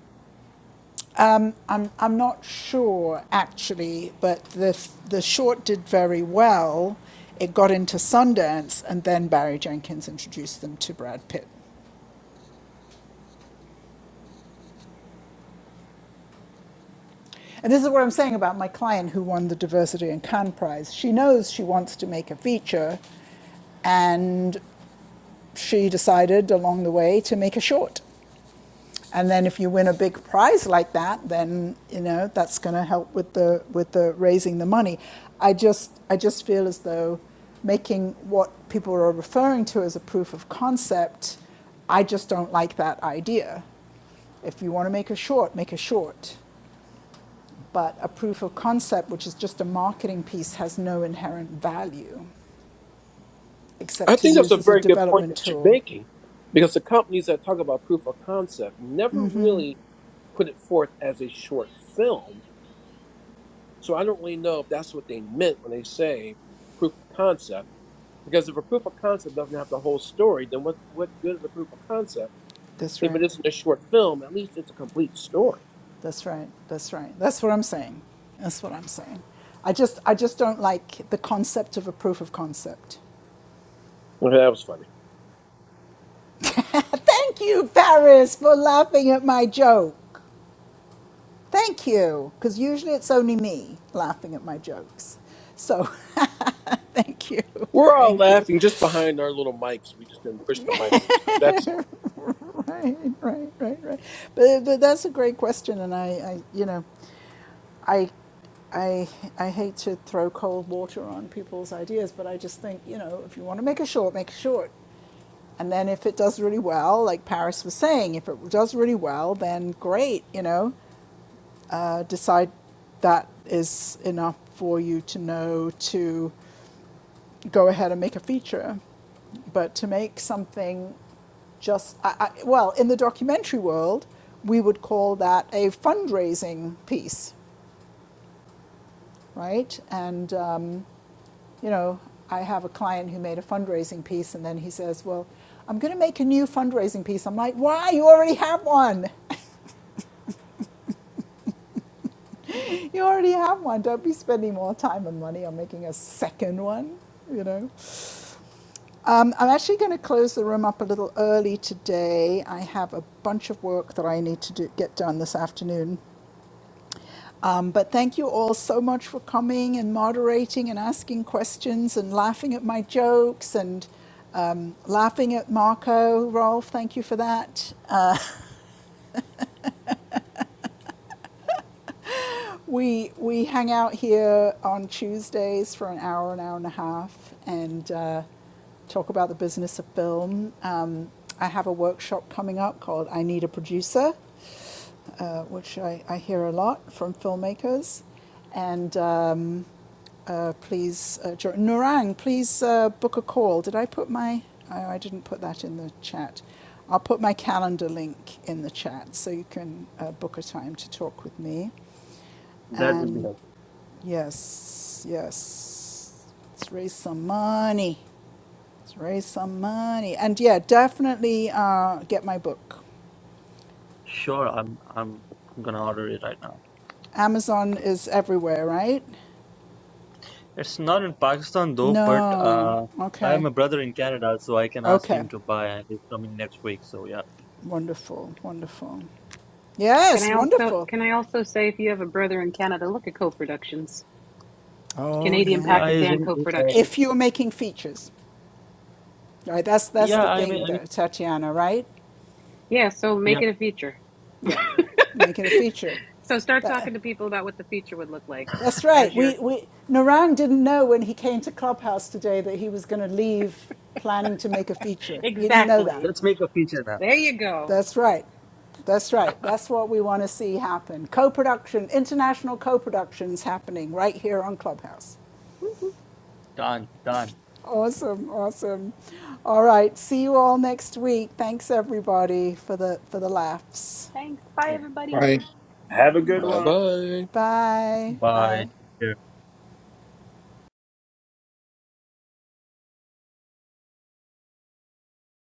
I'm, I'm not sure actually, but the, the short did very well. It got into Sundance, and then Barry Jenkins introduced them to Brad Pitt. And this is what I'm saying about my client who won the Diversity in Cannes Prize. She knows she wants to make a feature, and she decided along the way to make a short. And then if you win a big prize like that, then you know that's going to help with the with the raising the money. I just I just feel as though making what people are referring to as a proof of concept, I just don't like that idea. If you want to make a short, make a short. But a proof of concept, which is just a marketing piece, has no inherent value
I
except to
think that's
use
a
as a
very good point
development
that you're
tool.
making, because the companies that talk about proof of concept never really put it forth as a short film. So I don't really know if that's what they meant when they say proof of concept. Because if a proof of concept doesn't have the whole story, then what what good is a proof of concept
This
if it
right?
isn't a short film? At least it's a complete story.
That's right. That's right. That's what I'm saying. That's what I'm saying. I just, I just don't like the concept of a proof of concept.
Okay, that was funny.
Thank you, Paris, for laughing at my joke. Thank you, because usually it's only me laughing at my jokes. So, thank you,
We're all
thank you.
laughing just behind our little mics. We just didn't push the mics in time. That's all.
Right, right, right, right. But, but that's a great question, and I, I you know, I, I, I hate to throw cold water on people's ideas, but I just think you know, if you want to make a short, make a short. And then if it does really well, like Paris was saying, if it does really well, then great, you know, uh, decide that is enough for you to know to go ahead and make a feature. But to make something just, I, I, well, in the documentary world, we would call that a fundraising piece, right? And, um, you know, I have a client who made a fundraising piece, and then he says, Well, I'm going to make a new fundraising piece. I'm like, Why? You already have one. you already have one. Don't be spending more time and money on making a second one, you know? Um, I'm actually going to close the room up a little early today. I have a bunch of work that I need to do, get done this afternoon. Um, but thank you all so much for coming and moderating and asking questions and laughing at my jokes and um, laughing at Marco. Rolf, thank you for that. Uh, we, we hang out here on Tuesdays for an hour, an hour and a half, and uh, talk about the business of film. Um, I have a workshop coming up called I Need a Producer uh, which I, I hear a lot from filmmakers. And um, uh, please, uh, Narang, please uh, book a call. Did I put my? Oh, I didn't put that in the chat. I'll put my calendar link in the chat so you can uh, book a time to talk with me.
That will be
And
helpful.
yes, yes, let's raise some money. Let's raise some money. And yeah, definitely uh, get my book.
Sure, I'm I'm gonna order it right now.
Amazon is everywhere, right?
It's not in Pakistan though, but
No.
uh I have
Okay.
my brother in Canada, so I can ask
Okay.
him to buy and he's coming next week, so yeah.
Wonderful. Wonderful.
Can
Yes,
I also
wonderful.
can I also say if you have a brother in Canada, look at co-productions.
Oh
Canadian
yeah.
Yeah, he's
Pakistan
in, uh,
co-production.
If you're making features, right? That's that's
yeah,
the
I mean
thing,
I mean
though, Tatiana. Right?
Yeah, so make
yeah.
it a feature.
Yeah. Make it a feature.
So start
That,
talking to people about what the feature would look like
that's right.
as you're
We we Narang didn't know when he came to Clubhouse today that he was going to leave planning to make a feature. He didn't know that.
Exactly.
Let's make a feature now.
There you go.
That's right. That's right. That's what we want to see happen. Co production, international co productions happening right here on Clubhouse.
Done, done.
Awesome, awesome. All right. See you all next week. Thanks everybody for the for the laughs.
Bye.
Have a good
Bye
one.
bye.
Bye.
Bye.
Bye.
Take care.